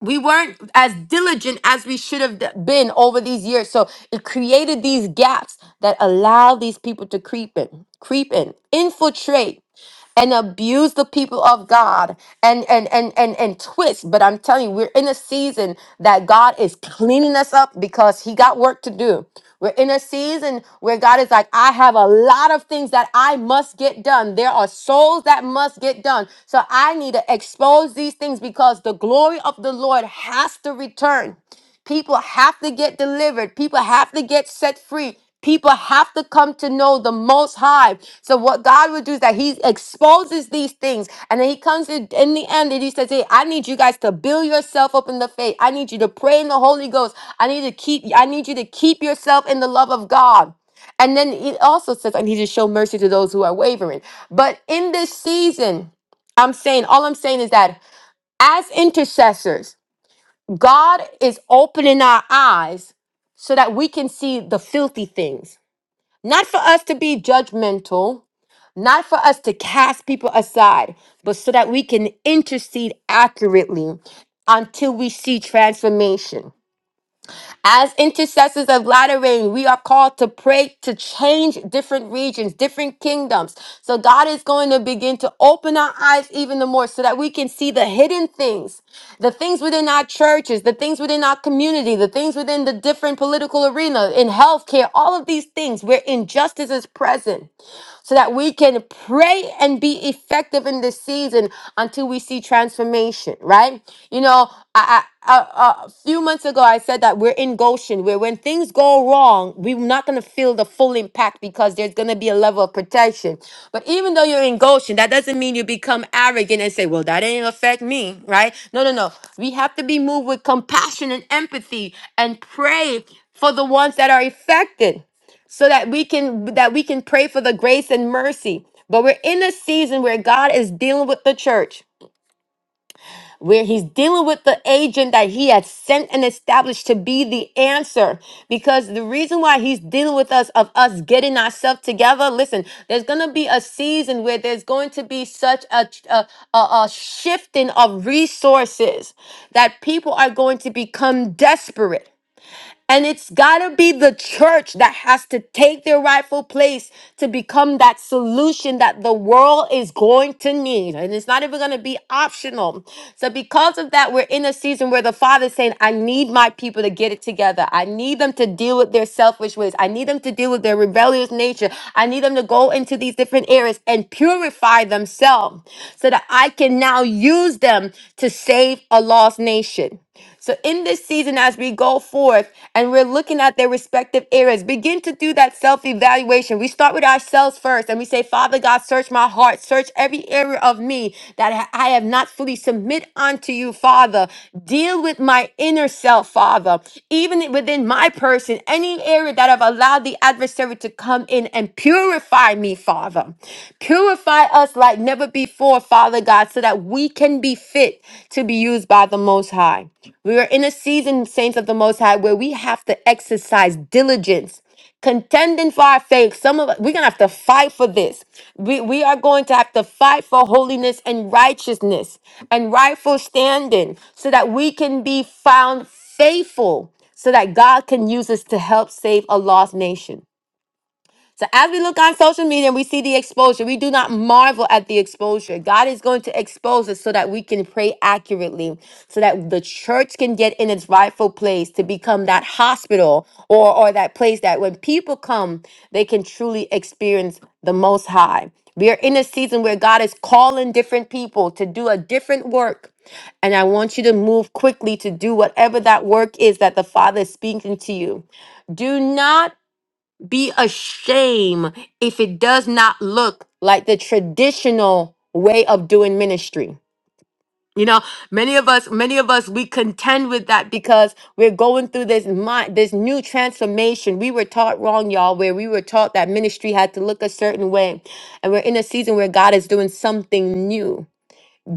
[SPEAKER 1] we weren't as diligent as we should have been over these years. So it created these gaps that allow these people to creep in, creep in, infiltrate and abuse the people of God and and and and and twist. But I'm telling you, we're in a season that God is cleaning us up because He got work to do. We're in a season where God is like, I have a lot of things that I must get done. There are souls that must get done. So I need to expose these things because the glory of the Lord has to return. People have to get delivered. People have to get set free. People have to come to know the Most High. So what God would do is that He exposes these things, and then He comes in, in the end, and He says, "Hey, I need you guys to build yourself up in the faith. I need you to pray in the Holy Ghost. I need to keep. I need you to keep yourself in the love of God." And then He also says, "I need you to show mercy to those who are wavering." But in this season, I'm saying, all I'm saying is that as intercessors. God is opening our eyes so that we can see the filthy things. Not for us to be judgmental, not for us to cast people aside, but so that we can intercede accurately until we see transformation. As intercessors of latter rain, we are called to pray to change different regions, different kingdoms. So God is going to begin to open our eyes even the more so that we can see the hidden things, the things within our churches, the things within our community, the things within the different political arena, in healthcare, all of these things where injustice is present so that we can pray and be effective in this season until we see transformation, right? You know, I, I, a, a few months ago, I said that we're in Goshen, where when things go wrong, we're not going to feel the full impact because there's going to be a level of protection. But even though you're in Goshen, that doesn't mean you become arrogant and say, well, that ain't affect me, right? No, no, no. We have to be moved with compassion and empathy and pray for the ones that are affected so that we can that we can pray for the grace and mercy. But we're in a season where God is dealing with the church, where he's dealing with the agent that he had sent and established to be the answer. Because the reason why he's dealing with us of us getting ourselves together, listen, there's going to be a season where there's going to be such a, a, a, a shifting of resources that people are going to become desperate and it's got to be the church that has to take their rightful place to become that solution that the world is going to need. And it's not even going to be optional. So, because of that, we're in a season where the Father's saying, I need my people to get it together. I need them to deal with their selfish ways. I need them to deal with their rebellious nature. I need them to go into these different areas and purify themselves so that I can now use them to save a lost nation. So, in this season, as we go forth and we're looking at their respective areas, begin to do that self evaluation. We start with ourselves first and we say, Father God, search my heart, search every area of me that ha- I have not fully submit unto you, Father. Deal with my inner self, Father. Even within my person, any area that I've allowed the adversary to come in and purify me, Father. Purify us like never before, Father God, so that we can be fit to be used by the Most High. We are in a season, saints of the Most High, where we have to exercise diligence, contending for our faith. Some of us, we're gonna have to fight for this. We we are going to have to fight for holiness and righteousness and rightful standing, so that we can be found faithful, so that God can use us to help save a lost nation. So as we look on social media and we see the exposure, we do not marvel at the exposure. God is going to expose us so that we can pray accurately, so that the church can get in its rightful place to become that hospital or, or that place that when people come, they can truly experience the most high. We are in a season where God is calling different people to do a different work. And I want you to move quickly to do whatever that work is that the Father is speaking to you. Do not be ashamed if it does not look like the traditional way of doing ministry you know many of us many of us we contend with that because we're going through this mind this new transformation we were taught wrong y'all where we were taught that ministry had to look a certain way and we're in a season where god is doing something new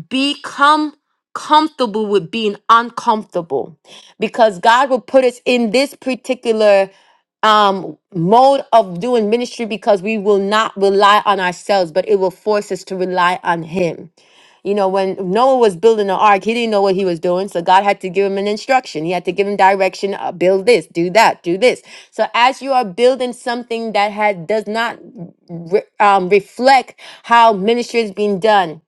[SPEAKER 1] Become comfortable with being uncomfortable because God will put us in this particular um mode of doing ministry because we will not rely on ourselves but it will force us to rely on him you know when noah was building the ark he didn't know what he was doing so god had to give him an instruction he had to give him direction uh, build this do that do this so as you are building something that had does not re- um, reflect how ministry is being done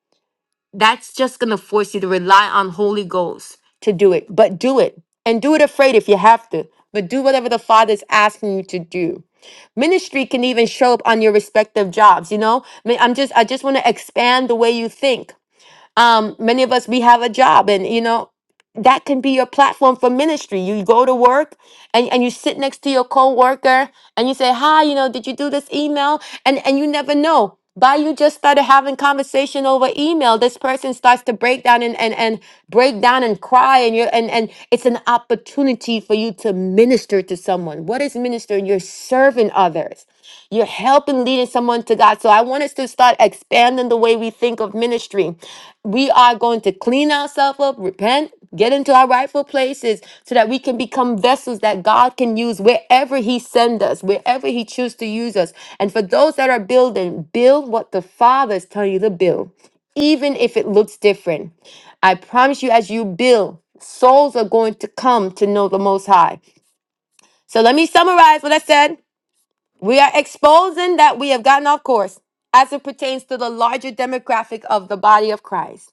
[SPEAKER 1] that's just going to force you to rely on Holy Ghost to do it. But do it and do it afraid if you have to. But do whatever the Father's asking you to do. Ministry can even show up on your respective jobs, you know? I mean, I'm just I just want to expand the way you think um, many of us we have a job and you know that can be your platform for ministry you go to work and, and you sit next to your coworker and you say hi you know did you do this email and and you never know by you just started having conversation over email this person starts to break down and and, and break down and cry and you're and and it's an opportunity for you to minister to someone what is ministering you're serving others you're helping leading someone to God. So I want us to start expanding the way we think of ministry. We are going to clean ourselves up, repent, get into our rightful places so that we can become vessels that God can use wherever he send us, wherever he choose to use us. And for those that are building, build what the Father is telling you to build, even if it looks different. I promise you as you build, souls are going to come to know the most high. So let me summarize what I said. We are exposing that we have gotten off course as it pertains to the larger demographic of the body of Christ.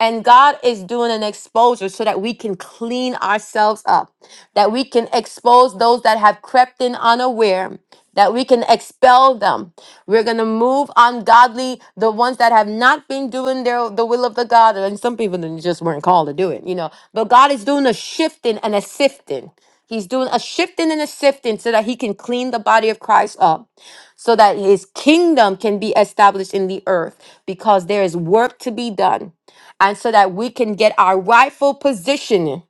[SPEAKER 1] And God is doing an exposure so that we can clean ourselves up, that we can expose those that have crept in unaware, that we can expel them. We're going to move ungodly, the ones that have not been doing their the will of the God. And some people then just weren't called to do it, you know. But God is doing a shifting and a sifting. He's doing a shifting and a sifting so that he can clean the body of Christ up, so that his kingdom can be established in the earth, because there is work to be done and so that we can get our rightful position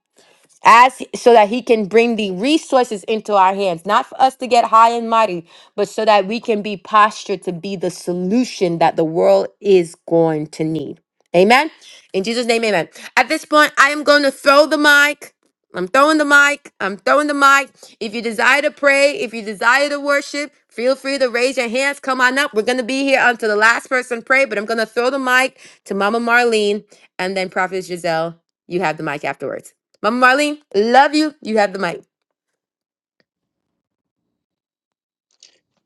[SPEAKER 1] as so that he can bring the resources into our hands not for us to get high and mighty but so that we can be postured to be the solution that the world is going to need amen in jesus name amen at this point i am going to throw the mic i'm throwing the mic i'm throwing the mic if you desire to pray if you desire to worship feel free to raise your hands come on up we're going to be here until the last person pray but i'm going to throw the mic to mama marlene and then prophet giselle you have the mic afterwards Mama Marlene, love you. You have the mic.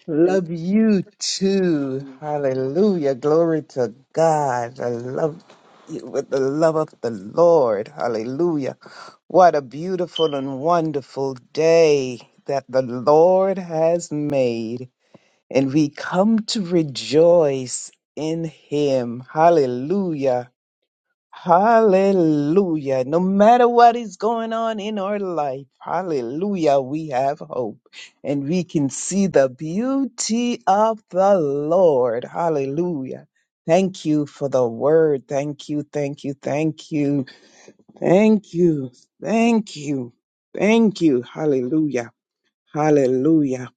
[SPEAKER 2] Love you too. Hallelujah. Glory to God. I love you with the love of the Lord. Hallelujah. What a beautiful and wonderful day that the Lord has made. And we come to rejoice in Him. Hallelujah. Hallelujah. No matter what is going on in our life, hallelujah, we have hope and we can see the beauty of the Lord. Hallelujah. Thank you for the word. Thank you, thank you, thank you, thank you, thank you, thank you. Hallelujah. Hallelujah.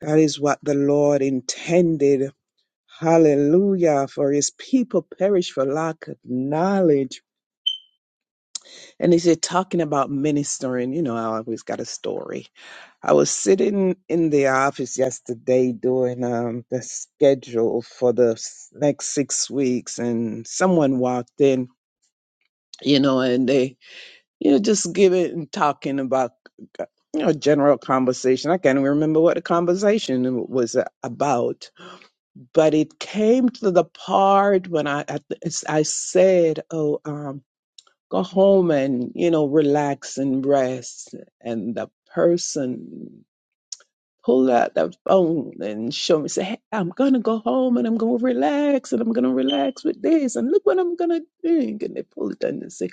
[SPEAKER 2] That is what the Lord intended. Hallelujah. For his people perish for lack of knowledge. And they said, talking about ministering, you know, I always got a story. I was sitting in the office yesterday doing um, the schedule for the s- next six weeks, and someone walked in, you know, and they, you know, just giving and talking about, uh, you know, general conversation. I can't even remember what the conversation was a- about, but it came to the part when I, I, I said, oh, um, go home and you know relax and rest and the person pull out the phone and show me say hey, i'm gonna go home and i'm gonna relax and i'm gonna relax with this and look what i'm gonna drink and they pull it down and say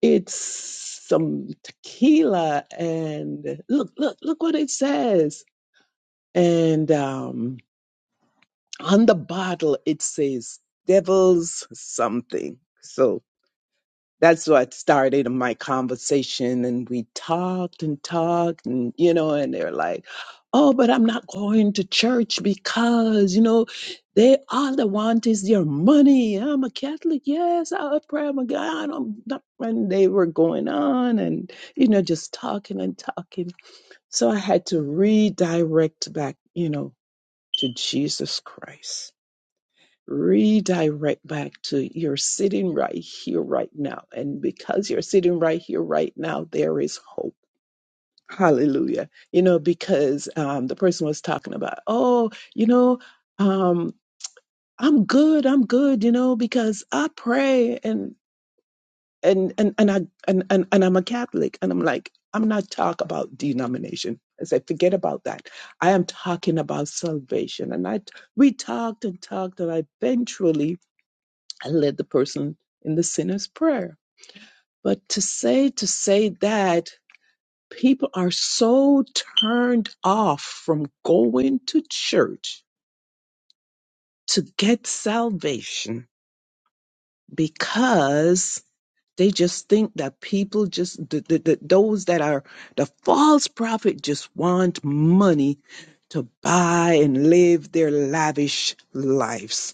[SPEAKER 2] it's some tequila and look look look what it says and um on the bottle it says devil's something So. that's what started my conversation and we talked and talked and you know and they're like oh but i'm not going to church because you know they all they want is your money i'm a catholic yes i pray i'm a god i'm not and they were going on and you know just talking and talking so i had to redirect back you know to jesus christ redirect back to you're sitting right here right now and because you're sitting right here right now there is hope hallelujah you know because um the person was talking about oh you know um i'm good i'm good you know because i pray and and and and i and and, and i'm a catholic and i'm like i'm not talking about denomination i said forget about that i am talking about salvation and i we talked and talked and eventually I led the person in the sinner's prayer. But to say, to say that people are so turned off from going to church to get salvation because they just think that people just, the, the, the, those that are the false prophet just want money to buy and live their lavish lives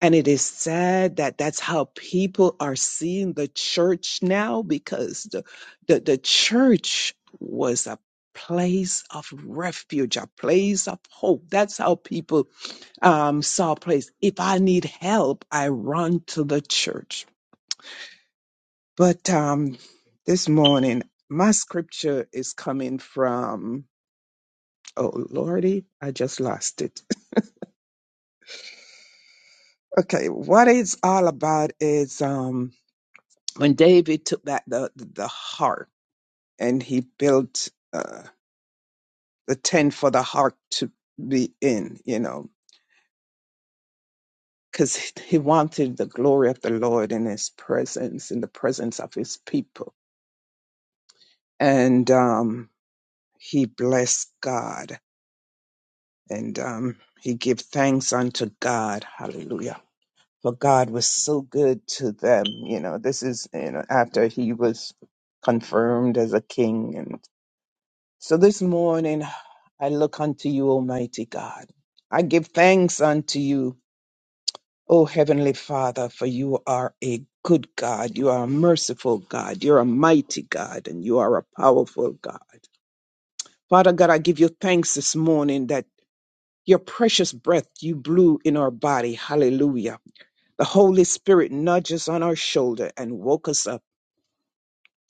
[SPEAKER 2] And it is sad that that's how people are seeing the church now because the, the, the church was a place of refuge, a place of hope. That's how people um, saw a place. If I need help, I run to the church. But um, this morning, my scripture is coming from, oh, Lordy, I just lost it. Okay, what it's all about is. Um, when David took back the, the, the ark and he built uh, the tent for the ark to be in, you know, because he wanted the glory of the Lord in his presence, in the presence of his people. And um, he blessed God and um, he gave thanks unto God. Hallelujah. For God was so good to them. You know, this is, you know, after he was confirmed as a king So this morning I look unto you, Almighty God. I give thanks unto you, O Heavenly Father, for you are a good God. You are a merciful God. You're a mighty God and you are a powerful God. Father God, I give you thanks this morning that your precious breath you blew in our body. Hallelujah. The Holy Spirit nudges on our shoulder and woke us up.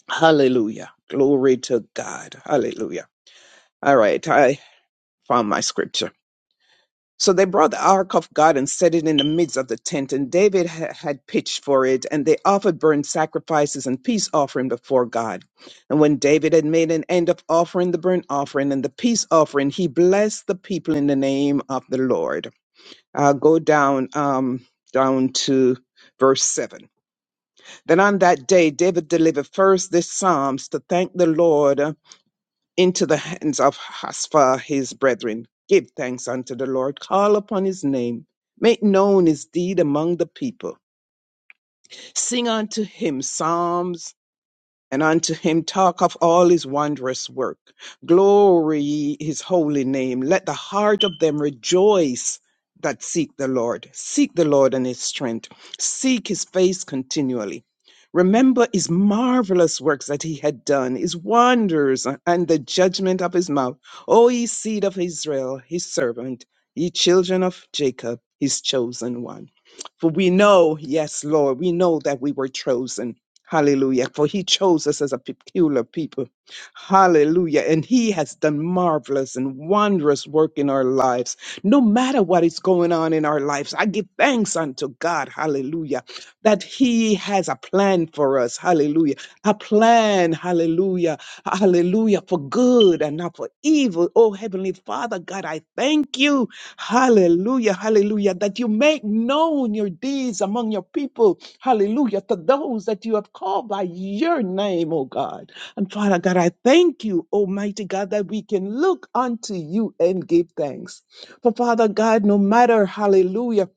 [SPEAKER 2] Hallelujah. Glory to God. Hallelujah. All right. I found my scripture. So they brought the ark of God and set it in the midst of the tent, and David ha- had pitched for it, and they offered burnt sacrifices and peace offering before God. And when David had made an end of offering the burnt offering and the peace offering, he blessed the people in the name of the Lord. Uh, go down, um, down to verse seven. Then on that day, David delivered first this psalms to thank the Lord into the hands of Haspha his brethren. Give thanks unto the Lord, call upon his name, make known his deed among the people. Sing unto him psalms and unto him talk of all his wondrous work. Glory ye his holy name. Let the heart of them rejoice that seek the Lord. Seek the Lord and his strength. Seek his face continually. Remember his marvelous works that he had done, his wonders and the judgment of his mouth. O ye seed of Israel, his servant, ye children of Jacob, his chosen one. For we know, yes, Lord, we know that we were chosen. Hallelujah. For he chose us as a peculiar people. Hallelujah. And he has done marvelous and wondrous work in our lives. No matter what is going on in our lives, I give thanks unto God. Hallelujah. That he has a plan for us. Hallelujah. A plan. Hallelujah. Hallelujah. For good and not for evil. Oh, Heavenly Father, God, I thank you. Hallelujah, hallelujah. That you make known your deeds among your people. Hallelujah. To those that you have called by your name, oh God. And Father God, I thank you, Almighty God, that we can look unto you and give thanks. For Father God, no matter, hallelujah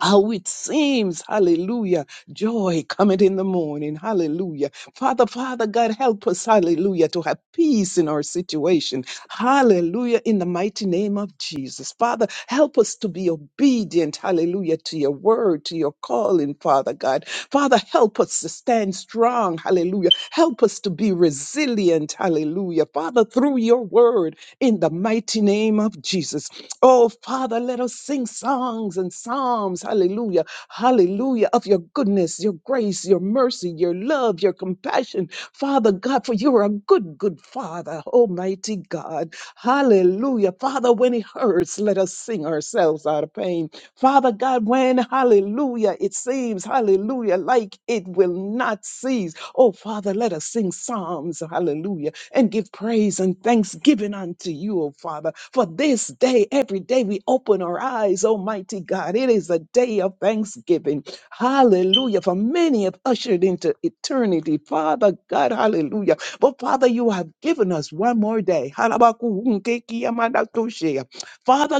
[SPEAKER 2] how it seems, hallelujah, joy cometh in the morning, hallelujah. Father, Father God, help us, hallelujah, to have peace in our situation, hallelujah, in the mighty name of Jesus. Father, help us to be obedient, hallelujah, to your word, to your calling, Father God. Father, help us to stand strong, hallelujah. Help us to be resilient, hallelujah. Father, through through your word in the mighty name of Jesus. Oh, Father, let us sing songs and psalms, hallelujah, hallelujah, of your goodness, your grace, your mercy, your love, your compassion. Father God, for you are a good, good Father, Almighty God, hallelujah. Father, when it hurts, let us sing ourselves out of pain. Father God, when, hallelujah, it seems, hallelujah, hallelujah, like it will not cease. Oh, Father, let us sing psalms, hallelujah, and give praise and thanksgiving unto you, oh, Father, for this day, every day we open our eyes, Almighty God. It is a day of thanksgiving, hallelujah, for many have ushered into eternity, Father God, hallelujah. But Father, you have given us one more day. Father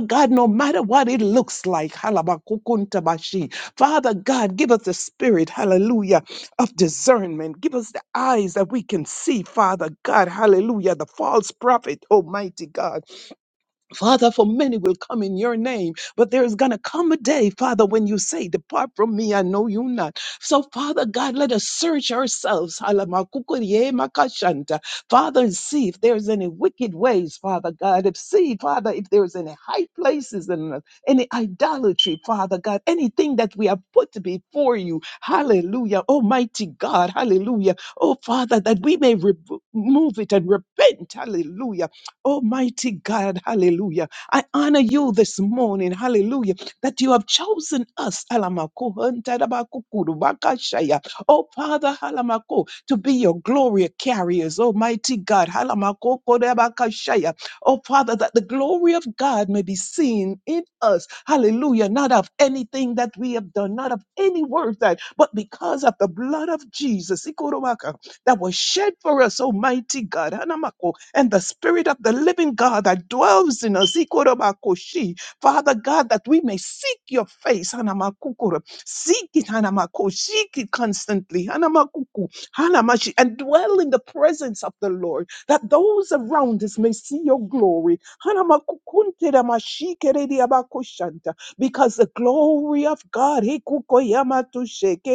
[SPEAKER 2] God, no matter what it looks like, Father God, give us the spirit, hallelujah, of discernment. Give us the eyes that we can see, Father God, hallelujah, the false prophet, almighty God. Father, for many will come in your name, but there is going to come a day, Father, when you say, Depart from me, I know you not. So, Father God, let us search ourselves. Halamakukurie makashanta. Father, and see if there's any wicked ways, Father God. If see, Father, if there's any high places in us, any idolatry, Father God, anything that we have put before you. Hallelujah. Almighty God, hallelujah. Oh, Father, that we may remove it and repent. Hallelujah Almighty God, hallelujah. I honor you this morning, hallelujah, that you have chosen us, Alamako, Huntadabakukuru, Bakashaya. oh Father, Halamako, to be your glory carriers, Almighty God, Halamako, Kodabakashaya. oh Father, that the glory of God may be seen in us, hallelujah, not of anything that we have done, not of any word that, but because of the blood of Jesus, Ikorobaka that was shed for us, Almighty God. Hanamako, And the Spirit of the living God that dwells in us, Ikorobakoshi. Father God, that we may seek your face. Hanamakukuro. Seek it, Hanamako. Seek it constantly. Hanamakuku. Hanamashi. And dwell in the presence of the Lord, that those around us may see your glory. Hanamakukunteramashikeredeabakoshanta because the glory of God, he kukoyama to shake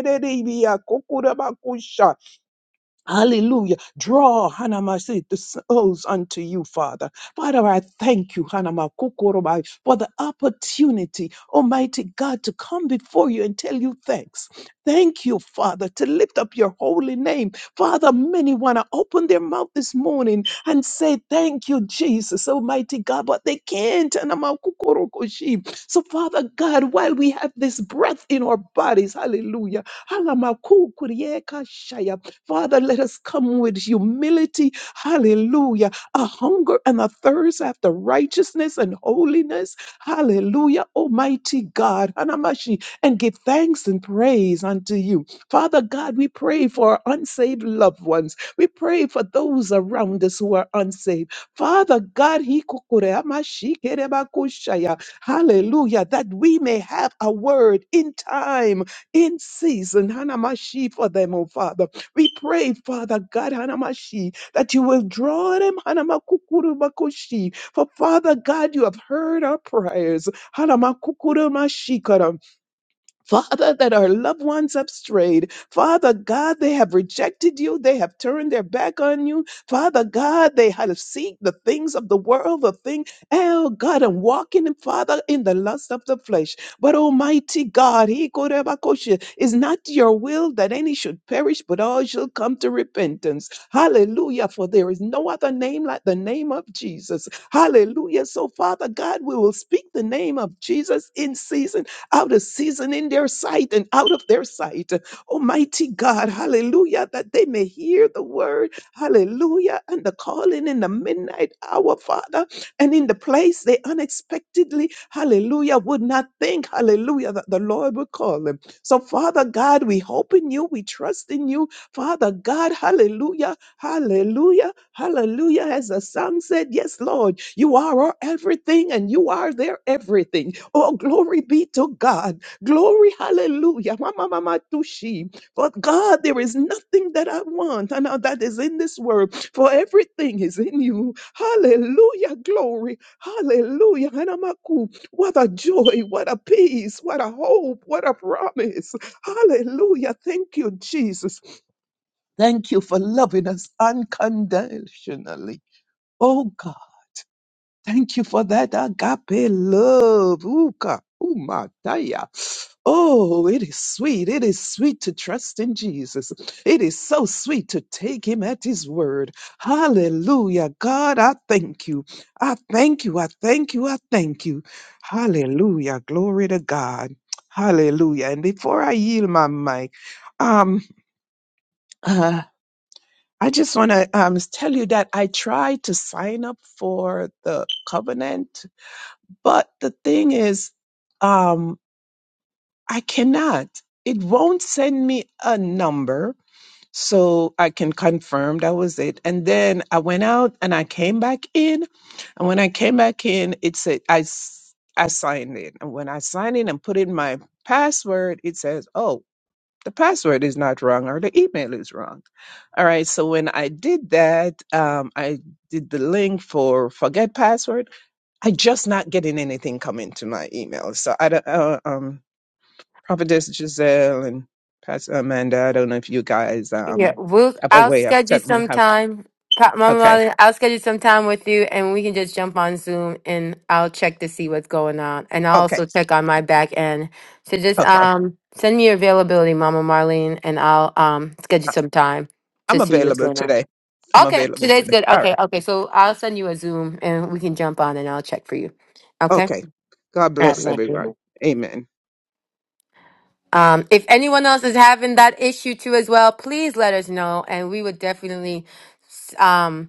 [SPEAKER 2] Hallelujah. Draw, Hanamasi, the souls unto you, Father. Father, I thank you, Hanamakukurubai, for the opportunity, Almighty God, to come before you and tell you thanks. Thank you, Father, to lift up your holy name. Father, many want to open their mouth this morning and say, Thank you, Jesus, Almighty God, but they can't. Hanamakukurukoshi. So, Father God, while we have this breath in our bodies, hallelujah. Halamakukuriyekashaya, Father, let us come with humility, hallelujah, a hunger and a thirst after righteousness and holiness, hallelujah, Almighty God, Hanamashi, and give thanks and praise unto you. Father God, we pray for our unsaved loved ones. We pray for those around us who are unsaved. Father God, Hikukure Hamashi Kerebakushaya, hallelujah, that we may have a word in time, in season, Hanamashi, for them, oh Father. We pray, Father God, Hanamashi, that you will draw them, Hanamakukurumakushi. For Father God, you have heard our prayers. Hanamakukurumashikarabashi. Father, that our loved ones have strayed. Father God, they have rejected you. They have turned their back on you. Father God, they have seek the things of the world, the thing, oh God, and walking, Father, in the lust of the flesh. But Almighty God, He korebakoshe, is not your will that any should perish, but all shall come to repentance. Hallelujah, for there is no other name like the name of Jesus. Hallelujah. So, Father God, we will speak the name of Jesus in season out of season in their sight and out of their sight. Almighty God, hallelujah, that they may hear the word, hallelujah, and the calling in the midnight hour, Father, and in the place they unexpectedly, hallelujah, would not think, hallelujah, that the Lord would call them. So, Father God, we hope in you, we trust in you, Father God, hallelujah, Hallelujah. Hallelujah. As the psalm said, Yes, Lord, you are our everything and you are their everything. Oh, glory be to God. Glory. Hallelujah. Ma, ma, ma, ma, tushi. For God, there is nothing that I want and uh, that is in this world, for everything is in you. Hallelujah. Glory. Hallelujah. Hanamaku. What a joy. What a peace. What a hope. What a promise. Hallelujah. Thank you, Jesus. Thank you for loving us unconditionally. Oh God, thank you for that agape love. Ooh, God. Ooh, my dia. Oh, it is sweet. It is sweet to trust in Jesus. It is so sweet to take him at his word. Hallelujah. God, I thank you. I thank you. I thank you. I thank you. Hallelujah. Glory to God. Hallelujah. And before I yield my mic, um, I just want to um, tell you that I tried to sign up for the covenant, but the thing is, um, I cannot. It won't send me a number so I can confirm that was it. And then I went out and I came back in. And when I came back in, it said, I, s- I signed in. And when I signed in and put in my password, it says, oh, the password is not wrong or the email is wrong. All right. So when I did that, um, I did the link for forget password. I just not getting anything coming to my email. So I don't, uh, um, Prophetess Giselle and Pastor Amanda, I don't know if you guys,
[SPEAKER 1] Yeah,
[SPEAKER 2] um,
[SPEAKER 1] we'll.
[SPEAKER 2] have a
[SPEAKER 1] I'll
[SPEAKER 2] way of
[SPEAKER 1] schedule
[SPEAKER 2] telling me
[SPEAKER 1] some
[SPEAKER 2] how to,
[SPEAKER 1] time. Pa- Mama
[SPEAKER 2] okay.
[SPEAKER 1] Marlene. I'll schedule some time with you, and we can just jump on Zoom, and I'll check to see what's going on, and I'll
[SPEAKER 2] Okay.
[SPEAKER 1] also check on my back end. So just
[SPEAKER 2] Okay.
[SPEAKER 1] um send me your availability, Mama Marlene, and I'll um schedule
[SPEAKER 2] I-
[SPEAKER 1] some time to
[SPEAKER 2] I'm
[SPEAKER 1] see what's
[SPEAKER 2] available
[SPEAKER 1] going on.
[SPEAKER 2] today. I'm
[SPEAKER 1] Okay,
[SPEAKER 2] available
[SPEAKER 1] today's
[SPEAKER 2] today.
[SPEAKER 1] good.
[SPEAKER 2] All
[SPEAKER 1] Okay,
[SPEAKER 2] right.
[SPEAKER 1] okay. So I'll send you a Zoom, and we can jump on, and I'll check for you. Okay.
[SPEAKER 2] Okay. God
[SPEAKER 1] I
[SPEAKER 2] bless
[SPEAKER 1] love you.
[SPEAKER 2] everyone. Amen.
[SPEAKER 1] Um, if anyone else is having that issue too as well, please let us know, and we would definitely um,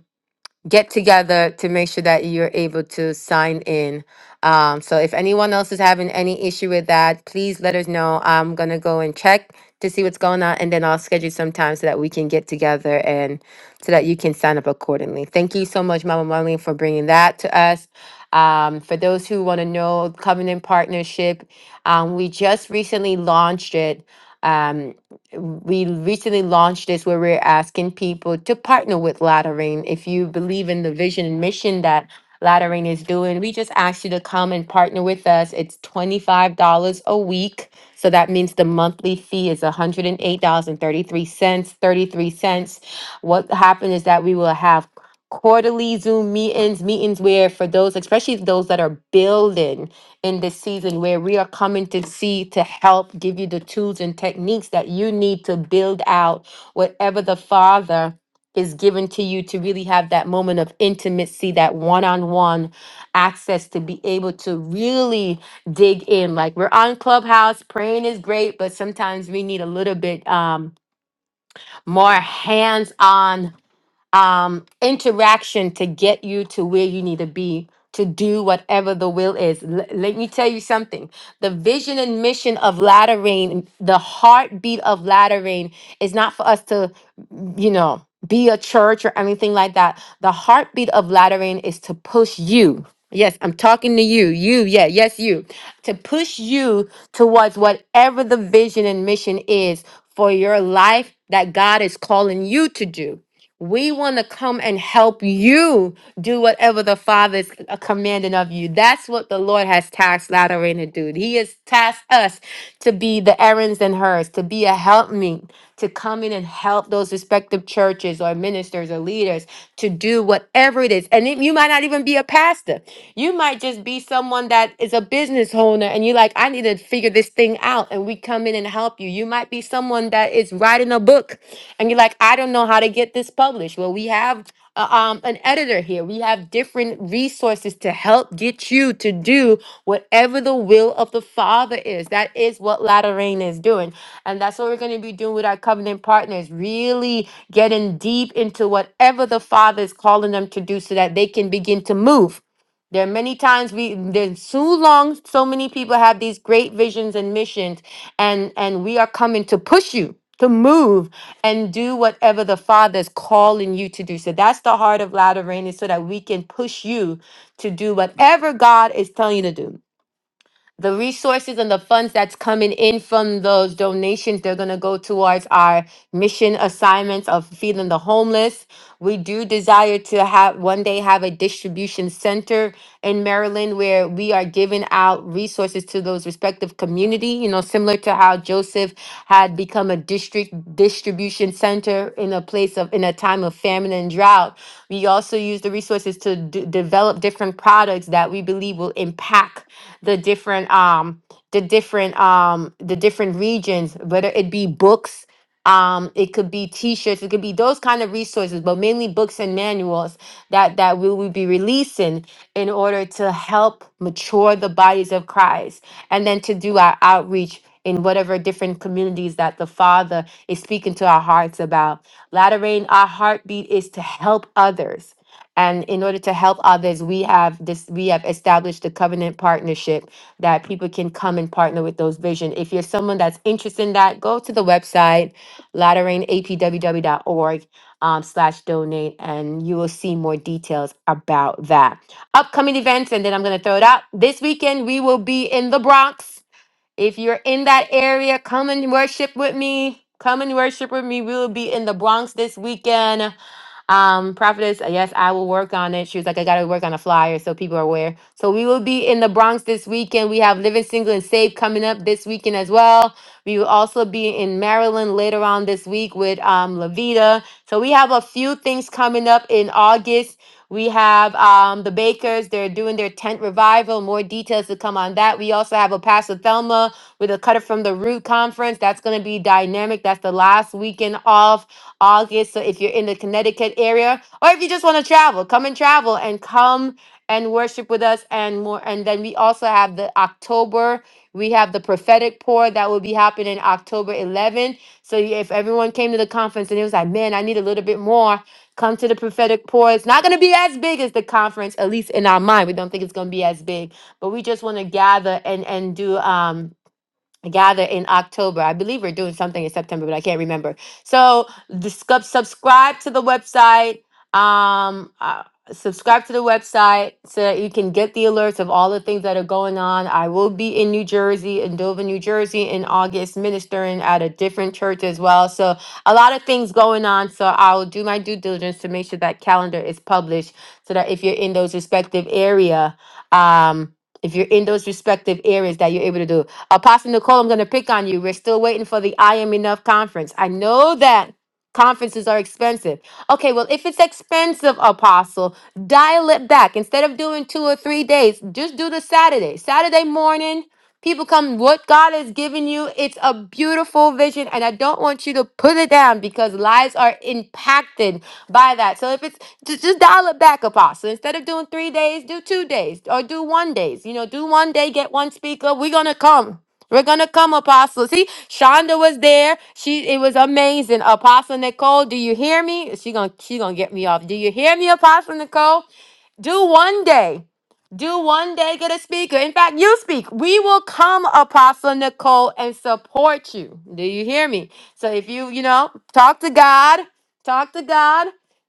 [SPEAKER 1] get together to make sure that you're able to sign in. Um, so if anyone else is having any issue with that, please let us know. I'm gonna go and check to see what's going on, and then I'll schedule some time so that we can get together and so that you can sign up accordingly. Thank you so much, Mama Marlene, for bringing that to us. Um, for those who want to know Covenant Partnership, um, we just recently launched it. Um, we recently launched this where we're asking people to partner with Lateran. If you believe in the vision and mission that Lateran is doing, we just ask you to come and partner with us. It's $25 dollars a week. So that means the monthly fee is $108.33, 33 cents. thirty-three cents. What happened is that we will have quarterly Zoom meetings, meetings where for those, especially those that are building, in this season where we are coming to see to help give you the tools and techniques that you need to build out whatever the Father is given to you to really have that moment of intimacy, that one on one access to be able to really dig in. Like we're on Clubhouse, praying is great, but sometimes we need a little bit um, more hands on um, interaction to get you to where you need to be to do whatever the will is. L- let me tell you something. The vision and mission of Latter Rain, the heartbeat of Latter Rain, is not for us to, you know, be a church or anything like that. The heartbeat of Latter Rain is to push you. Yes, I'm talking to you. You, yeah, yes, you. To push you towards whatever the vision and mission is for your life that God is calling you to do. We want to come and help you do whatever the Father is uh, commanding of you. That's what the Lord has tasked Lateran to do. He has tasked us to be the errands and hers, to be a helpmeet, to come in and help those respective churches or ministers or leaders to do whatever it is. And it- you might not even be a pastor. You might just be someone that is a business owner and you're like, I need to figure this thing out. And we come in and help you. You might be someone that is writing a book and you're like, I don't know how to get this published. Well, we have uh, um, an editor here. We have different resources to help get you to do whatever the will of the Father is. That is what Latter Rain is doing. And that's what we're going to be doing with our covenant partners, really getting deep into whatever the Father is calling them to do so that they can begin to move. There are many times we there's too long so many people have these great visions and missions and and we are coming to push you to move and do whatever the Father is calling you to do. So that's the heart of Latter Rain, is so that we can push you to do whatever God is telling you to do the resources and the funds that's coming in from those donations they're going to go towards our mission assignments of feeding the homeless we do desire to have one day have a distribution center in maryland where we are giving out resources to those respective community you know similar to how joseph had become a district distribution center in a place of in a time of famine and drought we also use the resources to d- develop different products that we believe will impact the different um the different um the different regions, whether it be books, um, it could be t-shirts, it could be those kind of resources, but mainly books and manuals that that we will be releasing in order to help mature the bodies of Christ and then to do our outreach in whatever different communities that the Father is speaking to our hearts about. Latter rain, our heartbeat is to help others and in order to help others we have this we have established a covenant partnership that people can come and partner with those vision if you're someone that's interested in that go to the website laterainapww.org um, slash donate and you will see more details about that upcoming events and then i'm going to throw it out this weekend we will be in the bronx if you're in that area come and worship with me come and worship with me we will be in the bronx this weekend um, prophetess, uh, yes, I will work on it. She was like, I gotta work on a flyer so people are aware. So we will be in the Bronx this weekend. We have Living Single and Safe coming up this weekend as well. We will also be in Maryland later on this week with um Lavita. So we have a few things coming up in August. We have um, the Bakers, they're doing their tent revival. More details to come on that. We also have a Pastor Thelma with a Cutter from the Root conference. That's going to be dynamic. That's the last weekend off August. So if you're in the Connecticut area, or if you just want to travel, come and travel and come and worship with us and more. And then we also have the October. We have the prophetic pour that will be happening October 11th. So you- if everyone came to the conference and it was like, man, I need a little bit more, come to the prophetic pour. It's not going to be as big as the conference, at least in our mind. We don't think it's going to be as big, but we just want to gather and and do. Um, gather in October. I believe we're doing something in September, but I can't remember. So the, scu- subscribe to the website. Um, uh, subscribe to the website so that you can get the alerts of all the things that are going on. I will be in New Jersey, in Dover, New Jersey, in August, ministering at a different church as well. So a lot of things going on. So I'll do my due diligence to make sure that calendar is published so that if you're in those respective area, um, if you're in those respective areas that you're able to do. Apostle Nicole, I'm going to pick on you. We're still waiting for the I Am Enough conference. I know that conferences are expensive. Okay, well, if it's expensive, Apostle, dial it back. Instead of doing two or three days, just do the Saturday. Saturday morning, people come, what God has given you, it's a beautiful vision. And I don't want you to put it down because lives are impacted by that. So if it's just, just dial it back, Apostle. Instead of doing three days, do two days or do one days. You know, do one day, get one speaker. We're going to come. We're gonna come, Apostle. See, Shonda was there. She it was amazing. Apostle Nicole, do you hear me? She gonna she gonna get me off. Do you hear me, Apostle Nicole? Do one day. Do one day get a speaker. In fact, you speak. We will come, Apostle Nicole, and support you. Do you hear me? So if you, you know, talk to God, talk to God.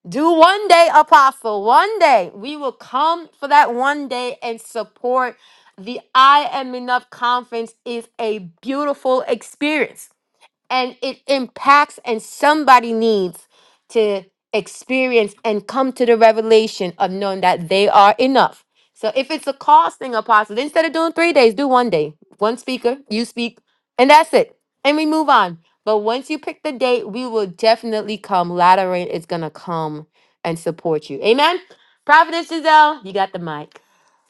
[SPEAKER 1] Do one day, Apostle, one day. We will come for that one day and support. The I Am Enough conference is a beautiful experience and it impacts and somebody needs to experience and come to the revelation of knowing that they are enough so if it's a costing apostle instead of doing three days do one day one speaker you speak and that's it and we move on but once you pick the date we will definitely come lateran is gonna come and support you amen prophetess giselle you got the mic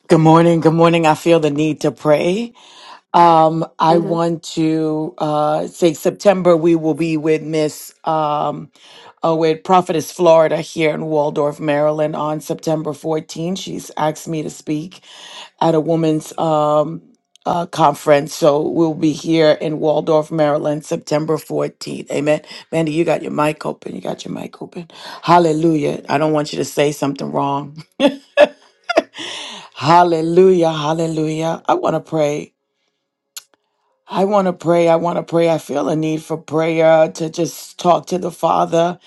[SPEAKER 3] Good morning. Good morning. I feel the need to pray. Um, I
[SPEAKER 1] Mm-hmm.
[SPEAKER 3] want to uh, say September we will be with Miss um, uh, with Prophetess Florida here in Waldorf, Maryland on September 14th. She's asked me to speak at a woman's um, uh, conference. So we'll be here in Waldorf, Maryland, September 14th. Amen. Mandy, you got your mic open. You got your mic open. Hallelujah. I don't want you to say something wrong. Hallelujah. Hallelujah. I want to pray. I want to pray. I want to pray. I feel a need for prayer to just talk to the Father.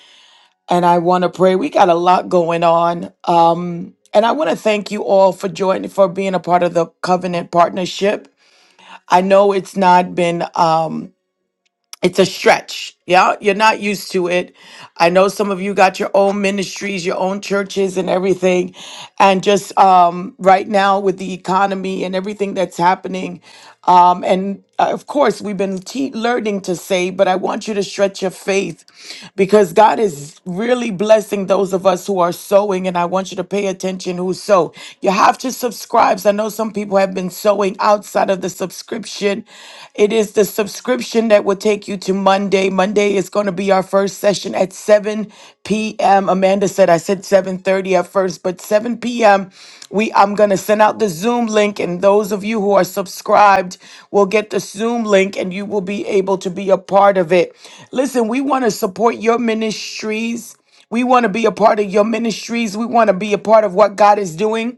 [SPEAKER 3] And I want to pray. We got a lot going on. Um, and I want to thank you all for joining, for being a part of the covenant partnership. I know it's not been. um, it's a stretch. Yeah, you're not used to it. I know some of you got your own ministries, your own churches and everything. And just um right now with the economy and everything that's happening, um, and uh, of course, we've been te- learning to say, but I want you to stretch your faith because God is really blessing those of us who are sowing. And I want you to pay attention who sow. You have to subscribe. I know some people have been sowing outside of the subscription. It is the subscription that will take you to Monday. Monday is going to be our first session session at 7 p.m. Amanda said I said 7:30 at first, but 7 p.m. we I'm going to send out the Zoom link and those of you who are subscribed will get the Zoom link and you will be able to be a part of it. Listen, we want to support your ministries. We want to be a part of your ministries. We want to be a part of what God is doing.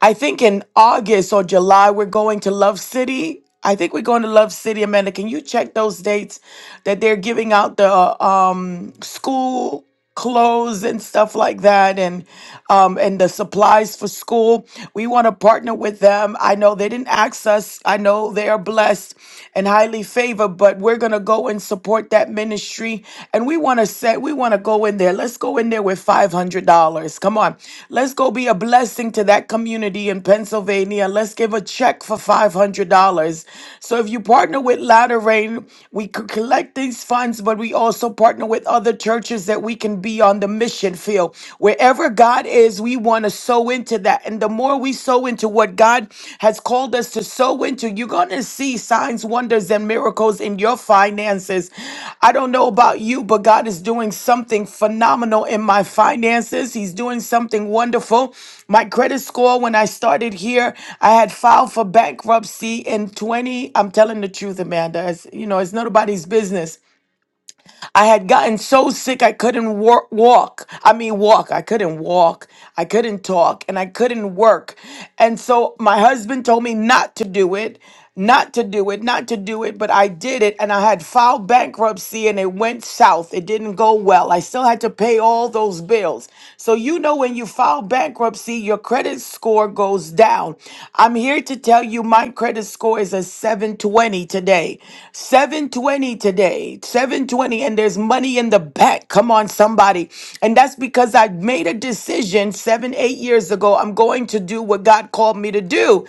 [SPEAKER 3] I think in August or July, we're going to Love City. I think we're going to Love City, Amanda. Can you check those dates that they're giving out the um, school clothes and stuff like that and um, and the supplies for school? We want to partner with them. I know they didn't ask us. I know they are blessed and highly favored, but we're going to go and support that that ministry and we want to set, we want to go in there. Let's go in there with $500. Come on. Let's go be a blessing to that community in Pennsylvania. Let's give a check for $500. So if you partner with Latter Rain, we could collect these funds, but we also partner with other churches that we can be on the mission field. Wherever God is, we want to sow into that. And the more we sow into what God has called us to sow into, you're going to see signs, wonders, and miracles in your finances. I don't know about you, but God is doing something phenomenal in my finances. He's doing something wonderful. My credit score, when I started here, I had filed for bankruptcy in 20. I'm telling the truth, Amanda. It's, you know, it's nobody's business. I had gotten so sick I couldn't wor- walk. I mean, walk. I couldn't walk. I couldn't talk and I couldn't work. And so my husband told me not to do it, not to do it, not to do it. But I did it and I had filed bankruptcy and it went south. It didn't go well. I still had to pay all those bills. So, you know, when you file bankruptcy, your credit score goes down. I'm here to tell you my credit score is a 720 today. 720 today, 720, and there's money in the back. Come on, somebody. And that's because I made a decision seven, eight years ago. I'm going to do what God called me to do.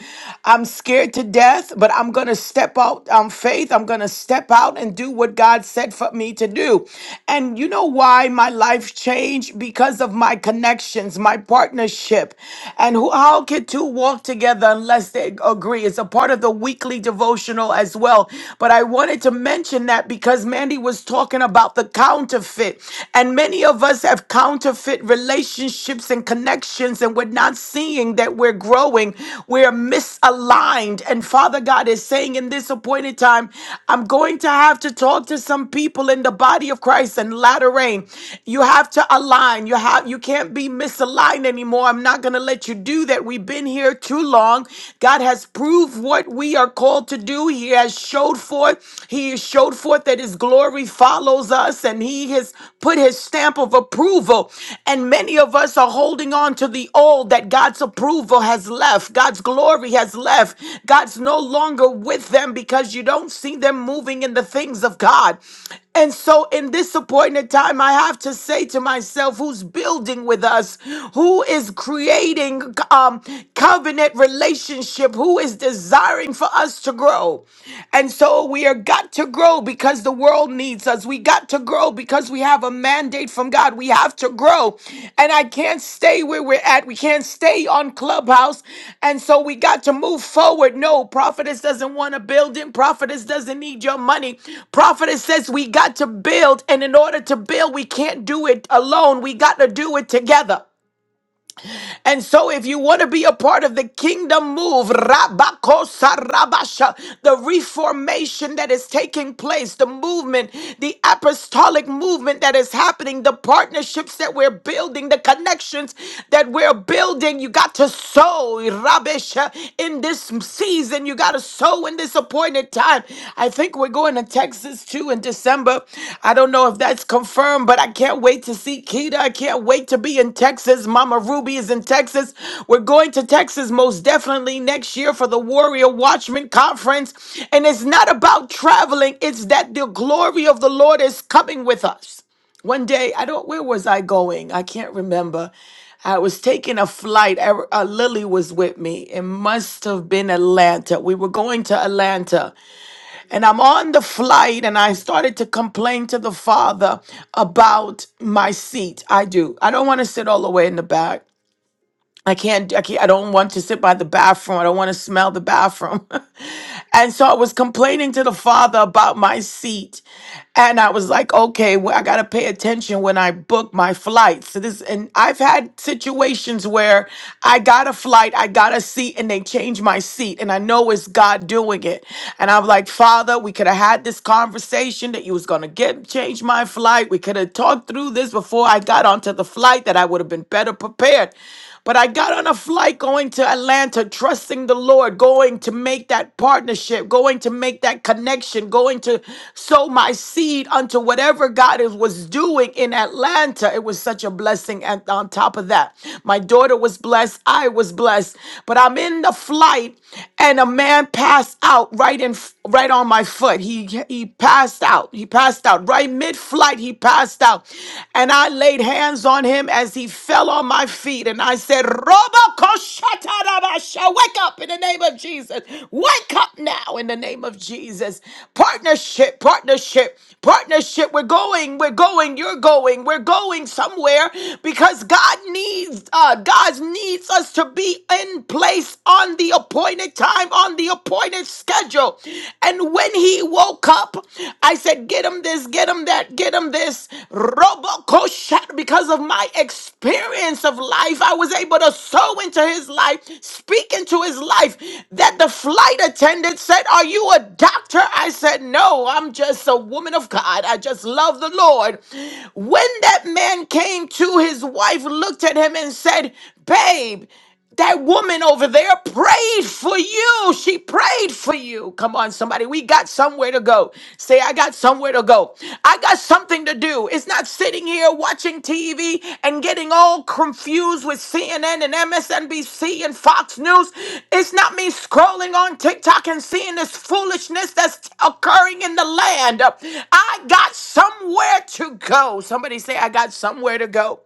[SPEAKER 3] I'm scared to death, but I'm going to step out on faith. I'm going to step out and do what God said for me to do. And you know why my life changed? Because of my connections, my partnership. And who, how can two walk together unless they agree? It's a part of the weekly devotion emotional as well. But I wanted to mention that because Mandy was talking about the counterfeit. And many of us have counterfeit relationships and connections, and we're not seeing that we're growing. We're misaligned. And Father God is saying in this appointed time, I'm going to have to talk to some people in the body of Christ and latter rain. You have to align. You have you can't be misaligned anymore. I'm not gonna let you do that. We've been here too long. God has proved what we are called to do. He has showed forth, He has showed forth that His glory follows us, and He has put His stamp of approval. And many of us are holding on to the old that God's approval has left, God's glory has left. God's no longer with them because you don't see them moving in the things of God. And so, in this appointed time, I have to say to myself, who's building with us? Who is creating um, covenant relationship? Who is desiring for us to grow? And so, we are got to grow because the world needs us. We got to grow because we have a mandate straight from God. We have to grow. And I can't stay where we're at. We can't stay on Clubhouse. And so we got to move forward. No, prophetess doesn't want a building. Prophetess doesn't need your money. Prophetess says we got to build. And in order to build, we can't do it alone. We got to do it together. And so, if you want to be a part of the kingdom move, Rabakosa Rabasha, the reformation that is taking place, the movement, the apostolic movement that is happening, the partnerships that we're building, the connections that we're building, you got to sow, Rabesha, in this season. You got to sow in this its appointed time. I think we're going to Texas too in December. I don't know if that's confirmed, but I can't wait to see Keita. I can't wait to be in Texas. Mama Ruby is in Texas. We're going to Texas most definitely next year for the Warrior Watchman Conference. And it's not about traveling, it's that the glory of the Lord is coming with us one day i don't where was i going i can't remember i was taking a flight I, uh, lily was with me it must have been atlanta we were going to atlanta and i'm on the flight and i started to complain to the father about my seat i do i don't want to sit all the way in the back I can't, I can't, I don't want to sit by the bathroom. I don't want to smell the bathroom. and so I was complaining to the father about my seat. And I was like, okay, well, I got to pay attention when I book my flights. So this, and I've had situations where I got a flight, I got a seat, and they changed my seat. And I know it's God doing it. And I'm like, Father, we could have had this conversation that you was going to get, change my flight. We could have talked through this before I got onto the flight that I would have been better prepared. But I got on a flight going to Atlanta, trusting the Lord, going to make that partnership, going to make that connection, going to sow my seed unto whatever God is, was doing in Atlanta. It was such a blessing. And on top of that, my daughter was blessed. I was blessed. But I'm in the flight, and a man passed out right in right on my foot. He he passed out. He passed out right mid-flight. He passed cast out. And I laid hands on him as he fell on my feet. And I said, Robo Koshatarabasha, wake up in the name of Jesus. Wake up now in the name of Jesus. Partnership, partnership, partnership. We're going, we're going, you're going, we're going somewhere because God needs uh God needs us to be in place on the appointed time, on the appointed schedule. And when when he woke up, I said, Get him this, get him that, get him this. Roboco because of my experience of life. I was able to sow into his life, speak into his life. That the flight attendant said, Are you a doctor? I said, No, I'm just a woman of God. I just love the Lord. When that man came to, his wife looked at him and said, Babe, that woman over there prayed for you. She prayed for you. Come on, somebody. We got somewhere to go. Say, I got somewhere to go. I got something to do. It's not sitting here watching TV and getting all confused with CNN and MSNBC and Fox News. It's not me scrolling on TikTok and seeing this foolishness that's occurring in the land. I got somewhere to go. Somebody say, I got somewhere to go.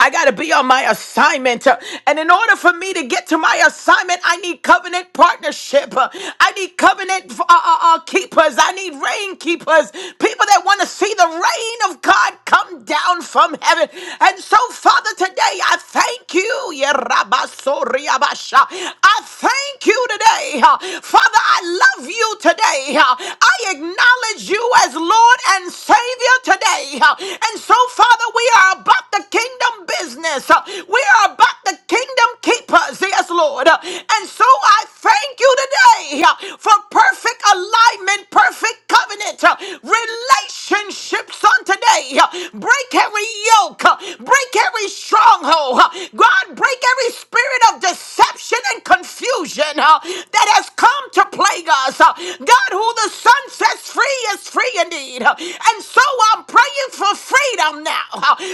[SPEAKER 3] I got to be on my assignment. And in order for me to get to my assignment, I need covenant partnership. I need covenant uh, uh, uh, keepers. I need rain keepers. People that want to see the rain of God come down from heaven. And so, Father, today I thank you. Yerabasoriabasha. I thank you today. huh? Father, I love you today. huh? I acknowledge you as Lord and Savior today today. And so, Father, we are about the kingdom business. We are about the kingdom keepers. Yes, Lord. And so I thank you today for perfect alignment, perfect covenant, relationships on today. Break every yoke, break every stronghold. God, break every spirit of deception and confusion that has come to plague us. God, who the Son sets free is free indeed. And so I'm praying for freedom now.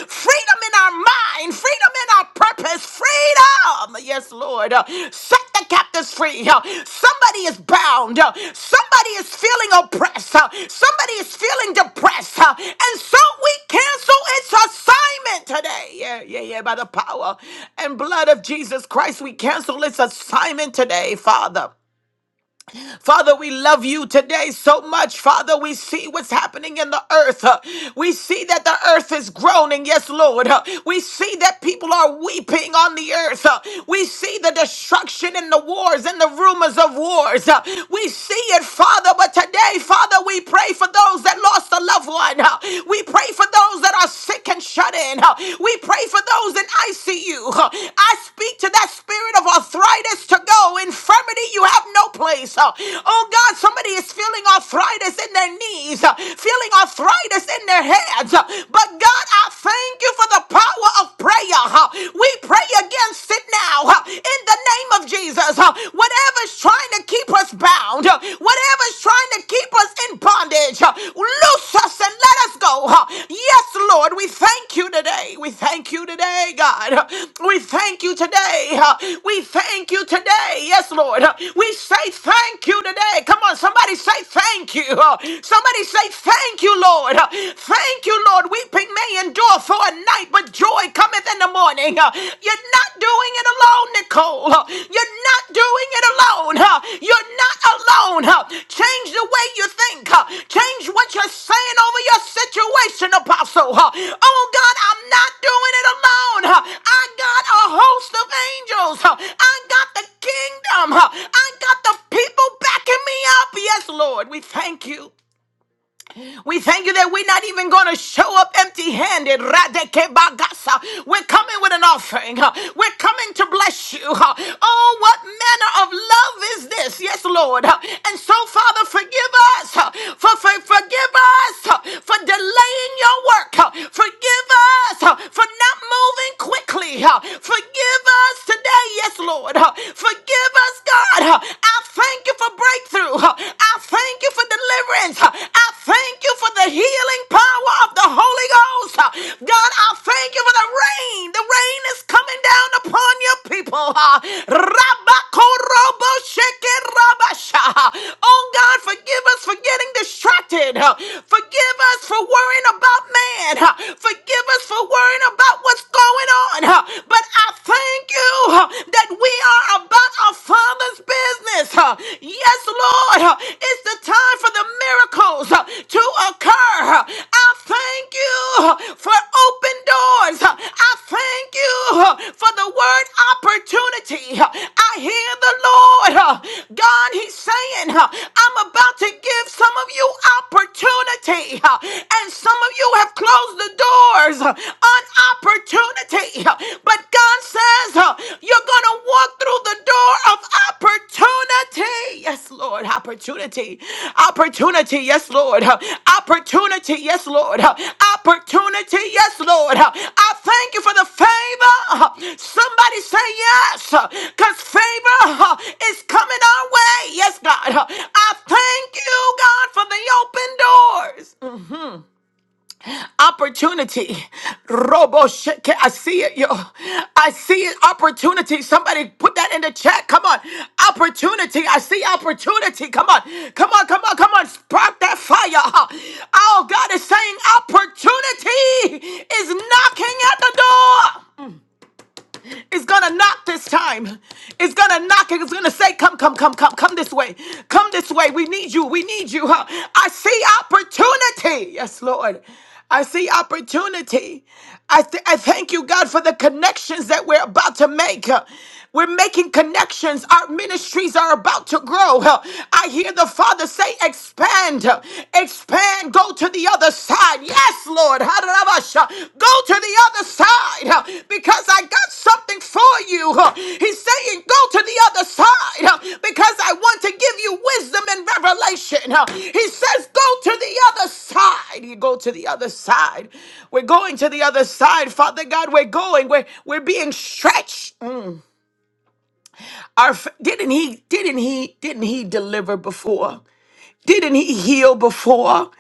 [SPEAKER 3] Freedom in our mind, freedom in our purpose, freedom. Yes, Lord. Set the captives free. Somebody is bound. Somebody is feeling oppressed. Somebody is feeling depressed. And so we cancel its assignment today. Yeah, yeah, yeah. By the power and blood of Jesus Christ, we cancel its assignment today, Father. Father, we love you today so much. Father, we see what's happening in the earth. Uh, We see that the earth is groaning. Yes, Lord. Uh, We see that people are weeping on the earth. Uh, We see the destruction and the wars and the rumors of wars. Uh, We see it, Father. But today, Father, we pray for those that lost a loved one. Uh, We pray for those that are sick and shut in. Uh, We pray pray for those in ICU. I speak to that spirit of arthritis to go. Infirmity, you have no place. Oh God, somebody is feeling arthritis in their knees, feeling arthritis in their heads. But God, I thank you for the power of prayer. We pray against it now in the name of Jesus. Whatever's trying to keep us bound, whatever's trying to keep us in bondage. Uh, Loose us and let us go. Uh, Yes, Lord, we thank you today. We thank you today, God. Uh, We thank you today. Uh, We thank you today. Yes, Lord. Uh, We say thank you today. Come on, somebody say thank you. Uh, Somebody say thank you, Lord. Uh, Thank you, Lord. Weeping may endure for a night, but joy cometh in the morning. You're not doing it alone, Nicole. You're not doing it alone. You're not alone. Change the way you think. Change what you're saying over your situation, Apostle. Oh God, I'm not doing it alone. I got a host of angels. I got the kingdom. I got the people backing me up. Yes, Lord, we thank you. We thank you that we're not even going to show up empty handed. We're coming with an offering. huh? We're coming to bless you. huh? Oh, what manner of love is this? Yes, Lord. huh? And so, Father, forgive us huh, for, for forgive us huh, for delaying your work. huh? Forgive us huh, for not moving quickly. huh? Forgive us today. Yes, Lord. huh? Forgive us, God. huh? I thank you for breakthrough. I thank you for deliverance. I thank you for the healing power of the Holy Ghost. God, I thank you for the rain. The rain is coming down upon your people. Rabakoroboshekirabasha. Oh God, forgive us for getting distracted. Forgive us for worrying about man. Forgive us for worrying about what's going on. But I thank you that we are about our Father's business. Uh, Yes, Lord, uh, it's the time for the miracles uh, to occur. Uh, I thank you uh, for open doors. Uh, I thank you uh, for the word opportunity. Uh, I hear the Lord uh, huh, God, He's saying, huh, I'm about to give some of you opportunity, huh, and some of you have closed the doors huh, on opportunity. huh, But God says, huh, you're going to walk through the door of opportunity. Yes, Lord, opportunity, opportunity. Yes, Lord, huh, opportunity. Yes, Lord, huh, opportunity. Yes, Lord. huh. I thank you for the favor. huh. Somebody say yes because favor huh, is coming our way. Yes, God. huh. I thank you, God, for the open doors. Opportunity. Robo shit. Can- I see it, yo. I see it. Opportunity. Somebody put that in the chat. Come on. Opportunity. I see opportunity. Come on. Come on. Come on. Come on. Spark that fire. huh. Oh, God is saying opportunity is knocking at the door. It's gonna knock this time. It's gonna knock. It's gonna say, "Come, come, come, come, come this way. Come this way. We need you. We need you." Huh? I see opportunity. Yes, Lord. I see opportunity. I, th- I thank you, God, for the connections that we're about to make. Uh, We're making connections. Our ministries are about to grow. Uh, I hear the Father say, expand, uh, expand, go to the other side. Yes, Lord. Harabasha. Go to the other side uh, because I got so something for you. huh? He's saying, Go to the other side uh, because I want to give you wisdom and revelation. Uh, He says, Go to the other side. You go to the other side. We're going to the other side, Father God. We're going. We're we're being stretched. Mm. Our f- didn't he didn't he didn't he deliver before? Didn't he heal before?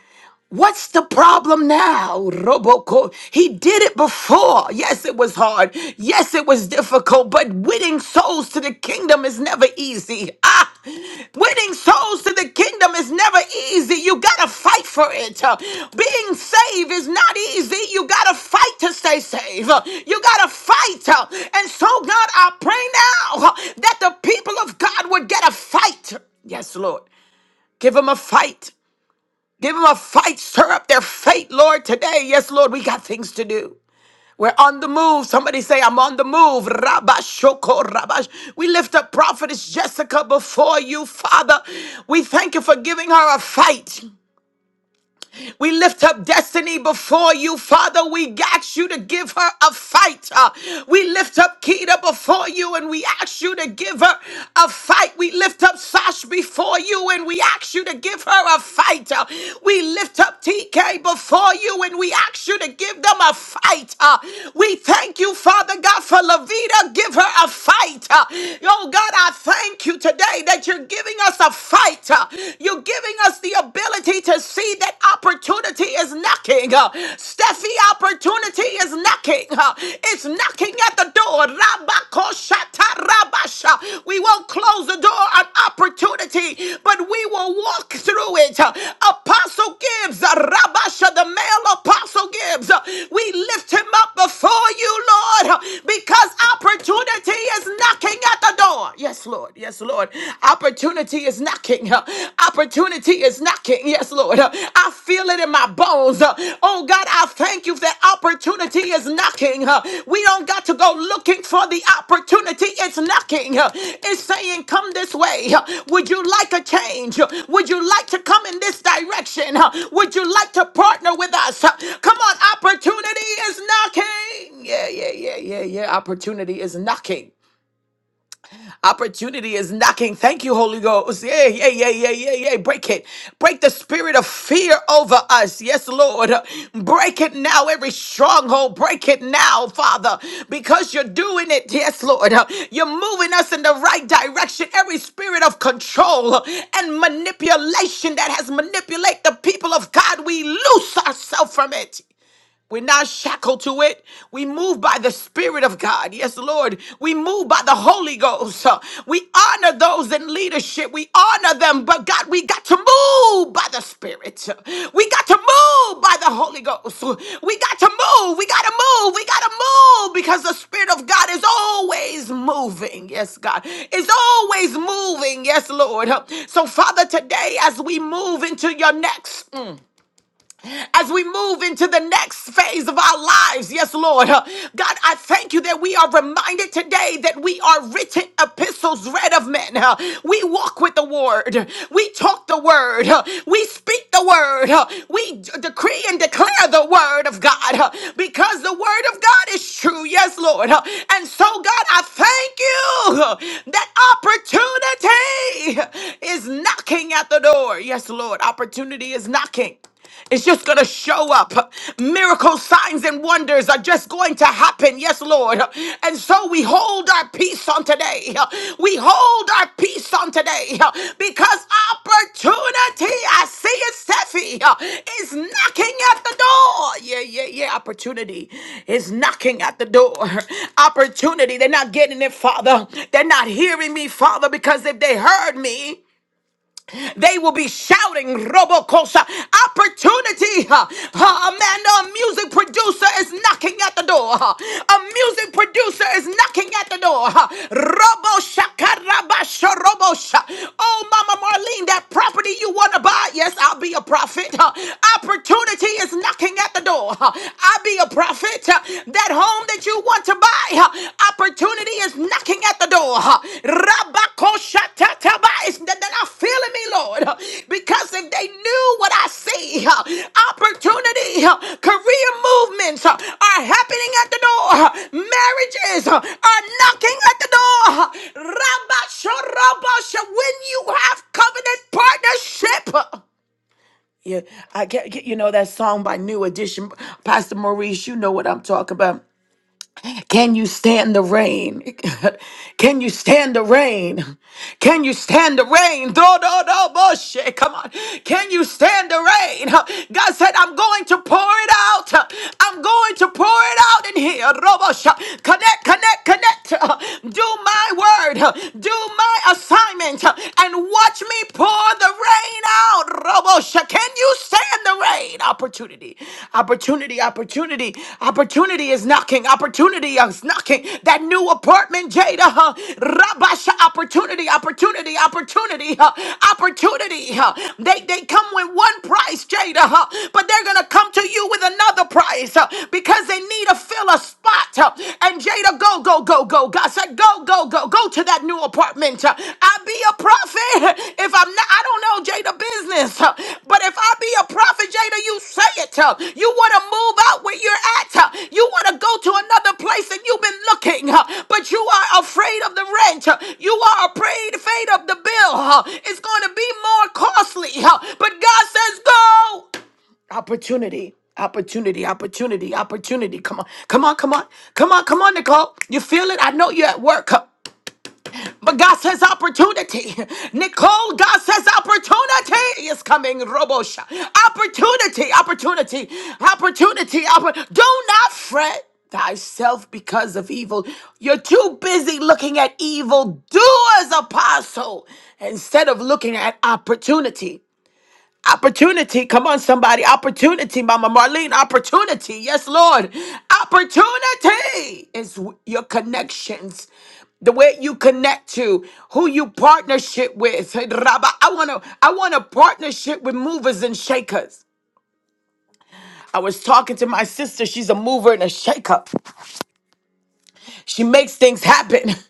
[SPEAKER 3] What's the problem now, Roboco? He did it before. Yes, it was hard. Yes, it was difficult, but winning souls to the kingdom is never easy. Ah, winning souls to the kingdom is never easy. You gotta fight for it. Uh, Being saved is not easy. You gotta fight to stay saved. Uh, You gotta fight. Uh, And so, God, I pray now uh, that the people of God would get a fight. Yes, Lord. Give them a fight. Give them a fight. Stir up their faith, Lord, today. Yes, Lord, we got things to do. We're on the move. Somebody say, I'm on the move. Rabash, Rabashoko Rabash. We lift up Prophetess Jessica before you, Father. We thank you for giving her a fight. We lift up destiny before you, Father. We ask you to give her a fight. Uh, we lift up Keita before you and we ask you to give her a fight. We lift up Sash before you and we ask you to give her a fight. Uh, we lift up TK before you and we ask you to give them a fight. Uh, we thank you, Father God, for Levita. Give her a fight. Uh, oh God, I thank you today that you're giving us a fight. Uh, You're you giving us the ability to see that opportunity is knocking. Uh, Steffi, opportunity is knocking. Uh, It's knocking at the door. Rabakoshata Rabasha. We won't close the door on opportunity, but we will walk through it. Uh, Apostle Gibbs, uh, Rabasha, the male apostle Gibbs, uh, we lift him up before you, Lord, uh, because opportunity is knocking at the door. Yes, Lord. Yes, Lord. Lord. Opportunity is knocking. huh? Opportunity is knocking. Yes, Lord. Huh? I feel it in my bones. huh? Oh, God, I thank you that opportunity is knocking. huh? We don't got to go looking for the opportunity. It's knocking. huh? It's saying, Come this way. huh? Would you like a change? huh? Would you like to come in this direction? huh? Would you like to partner with us? huh? Come on, opportunity is knocking. Yeah, yeah, yeah, yeah, yeah. Opportunity is knocking. Opportunity is knocking. Thank you, Holy Ghost. Yeah, yeah, yeah, yeah, yeah, yeah. Break it. Break the spirit of fear over us. Yes, Lord. Break it now, every stronghold. Break it now, Father, because you're doing it. Yes, Lord. You're moving us in the right direction. Every spirit of control and manipulation that has manipulated the people of God, we loose ourselves from it. We're not shackled to it. We move by the Spirit of God. Yes, Lord. We move by the Holy Ghost. Uh, We honor those in leadership. We honor them. But God, we got to move by the Spirit. We got to move by the Holy Ghost. We got to move. We got to move. We got to move because the Spirit of God is always moving. Yes, God. Is always moving. Yes, Lord. Uh, So, Father, today as we move into your next as we move into the next phase of our lives. Yes, Lord. Uh, God, I thank you that we are reminded today that we are written epistles read of men. Uh, We walk with the word. We talk the word. Uh, We speak the word. Uh, We d- decree and declare the word of God Uh, because the word of God is true. Yes, Lord. Uh, And so, God, I thank you uh, that opportunity is knocking at the door. Yes, Lord. Opportunity is knocking. It's just going to show up. Miracle signs, and wonders are just going to happen. Yes, Lord. And so we hold our peace on today. We hold our peace on today because opportunity, I see it, Steffi, is knocking at the door. Yeah, yeah, yeah. Opportunity is knocking at the door. Opportunity, they're not getting it, Father. They're not hearing me, Father, because if they heard me, they will be shouting Robocosa. Opportunity. uh, uh, Amanda, a music producer is knocking at the door. uh, A music producer is knocking at the door. uh, Robosha Karabasha Robosha. Oh, Mama Marlene, that property you want to buy. Yes, I'll be a prophet. uh, Opportunity is is knocking at the door. I be a prophet. uh, That home that you want to buy, uh, opportunity is knocking at the door. Rabakoshatataba is that that I feel in me, Lord. uh, Because if they knew what I see, uh, opportunity, uh, career movements uh, are happening at the door. uh, Marriages uh, are knocking at the door. Rabashorabasha, when you have covenant partnership. uh, yeah, I get get- you know that song by New Edition, Pastor Maurice. You know what I'm talking about. Can you stand the rain? Can you stand the rain? Can you stand the rain? Do do do bullshit. Come on. Can you stand the rain? God said, I'm going to pour it out. I'm going to pour it out in here. Robosha. Connect, connect, connect. Do my word. Do my assignment. And watch me pour the rain out. Can you stand the rain? Opportunity, opportunity, opportunity, opportunity is knocking. Opportunity is knocking. That new apartment, Jada. Huh? Rabasha, opportunity, opportunity, opportunity, huh? opportunity. Huh? They they come with one price, Jada, huh? but they're gonna come to you with another price huh? because they need to fill a spot. Huh? And Jada, go, go, go, go go. God said, go, go, go, go to that new apartment. Uh, I be a prophet. If I'm not, I don't know Jada business, uh, but if I be a prophet, Jada, you say it. uh, You want to move out where you're at. uh, You want to go to another place and you've been looking, uh, but you are afraid of the rent. uh, You are afraid, afraid of the bill. uh, It's going to be more costly, uh, but God says, go. Opportunity, opportunity, opportunity, opportunity. Come on, come on, come on, come on, come on, Nicole. You feel it? I know you're at work, huh? but God says opportunity. Nicole, God says opportunity is coming. Robosha, opportunity, opportunity, opportunity. Oppor- Do not fret thyself because of evil. You're too busy looking at evil doers, apostle, instead of looking at opportunity. Opportunity. Come on, somebody. Opportunity, Mama Marlene. Opportunity. Yes, Lord. Opportunity is w- your connections. The way you connect to, who you partnership with. Hey, Rabba, I wanna, I want a partnership with movers and shakers. I was talking to my sister. She's a mover and a shaker. She makes things happen.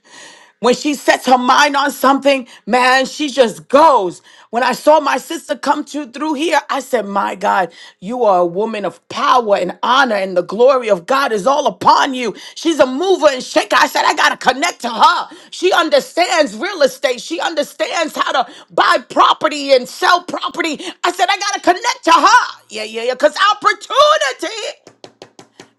[SPEAKER 3] When she sets her mind on something, man, she just goes. When I saw my sister come to through here, I said, "My God, you are a woman of power and honor, and the glory of God is all upon you." She's a mover and shaker. I said, "I gotta connect to her. She understands real estate. She understands how to buy property and sell property." I said, "I gotta connect to her." Yeah, yeah, yeah. Cause opportunity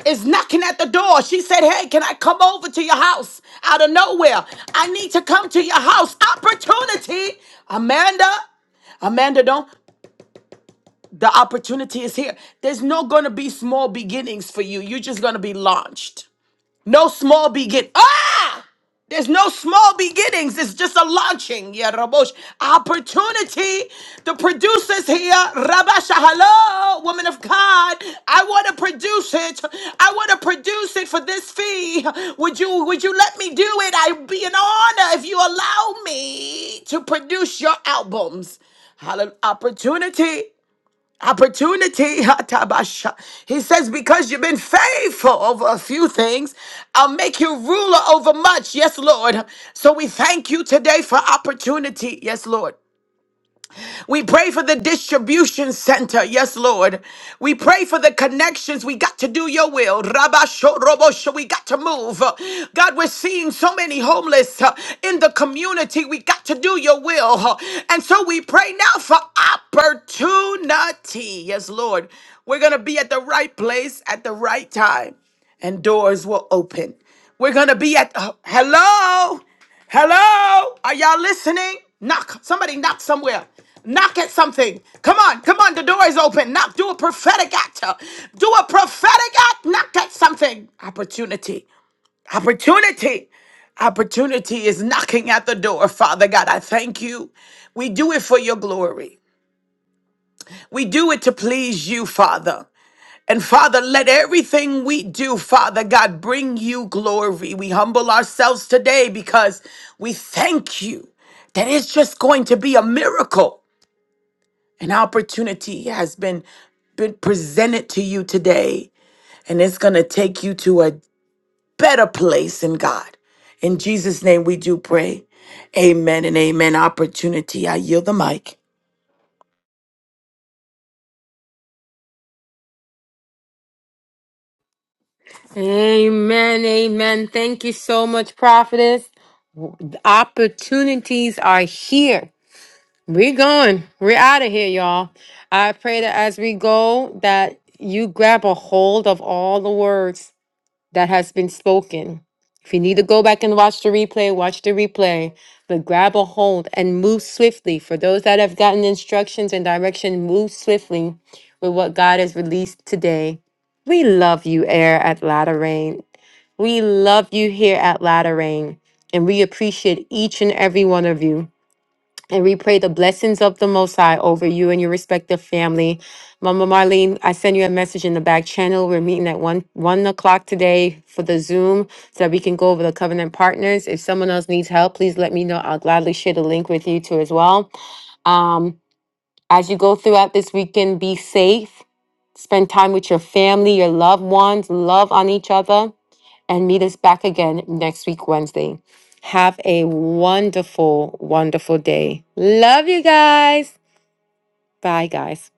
[SPEAKER 3] is knocking at the door. She said, Hey, can I come over to your house out of nowhere? I need to come to your house. Opportunity, Amanda. Amanda, don't. The opportunity is here. There's not going to be small beginnings for you. You're just going to be launched. No small begin. Ah! There's no small beginnings. It's just a launching. Yeah, Rabosh. Opportunity. The producers here. Rabasha, hello, woman of God. I want to produce it. I want to produce it for this fee. Would you would you let me do it? I'd be an honor if you allow me to produce your albums. Hallelujah. Opportunity. Opportunity. hatabasha. He says, Because you've been faithful over a few things, I'll make you ruler over much. Yes, Lord. So we thank you today for opportunity. Yes, Lord. We pray for the distribution center. Yes, Lord. We pray for the connections. We got to do your will. Rabasho robosho. We got to move. God, we're seeing so many homeless uh, in the community. We got to do your will. And so we pray now for opportunity. Yes, Lord. We're going to be at the right place at the right time and doors will open. We're going to be at, uh, hello? Hello? Are y'all listening? Knock. Somebody knock somewhere. Knock at something. Come on, come on. The door is open. Knock. Do a prophetic act. Do a prophetic act. Knock at something. Opportunity. Opportunity. Opportunity is knocking at the door. Father God, I thank you. We do it for your glory. We do it to please you, Father. And Father, let everything we do, Father God, bring you glory. We humble ourselves today because we thank you that it's just going to be a miracle. An opportunity has been, been presented to you today, and it's going to take you to a better place in God. In Jesus' name, we do pray. Amen and amen. Opportunity. I yield the mic.
[SPEAKER 1] Amen. Amen. Thank you so much, prophetess. The opportunities are here. We're going. We're out of here, y'all. I pray that as we go, that you grab a hold of all the words that has been spoken. If you need to go back and watch the replay, watch the replay. But grab a hold and move swiftly. For those that have gotten instructions and direction, move swiftly with what God has released today. We love you, Air at Latter Rain. We love you here at Latter Rain, and we appreciate each and every one of you. And we pray the blessings of the Most High over you and your respective family. Mama Marlene, I send you a message in the back channel. We're meeting at one one o'clock today for the Zoom so that we can go over the covenant partners. If someone else needs help, please let me know. I'll gladly share the link with you too as well. Um, as you go throughout this weekend, be safe. Spend time with your family, your loved ones. Love on each other and meet us back again next week, Wednesday. Have a wonderful, wonderful day. Love you guys. Bye, guys.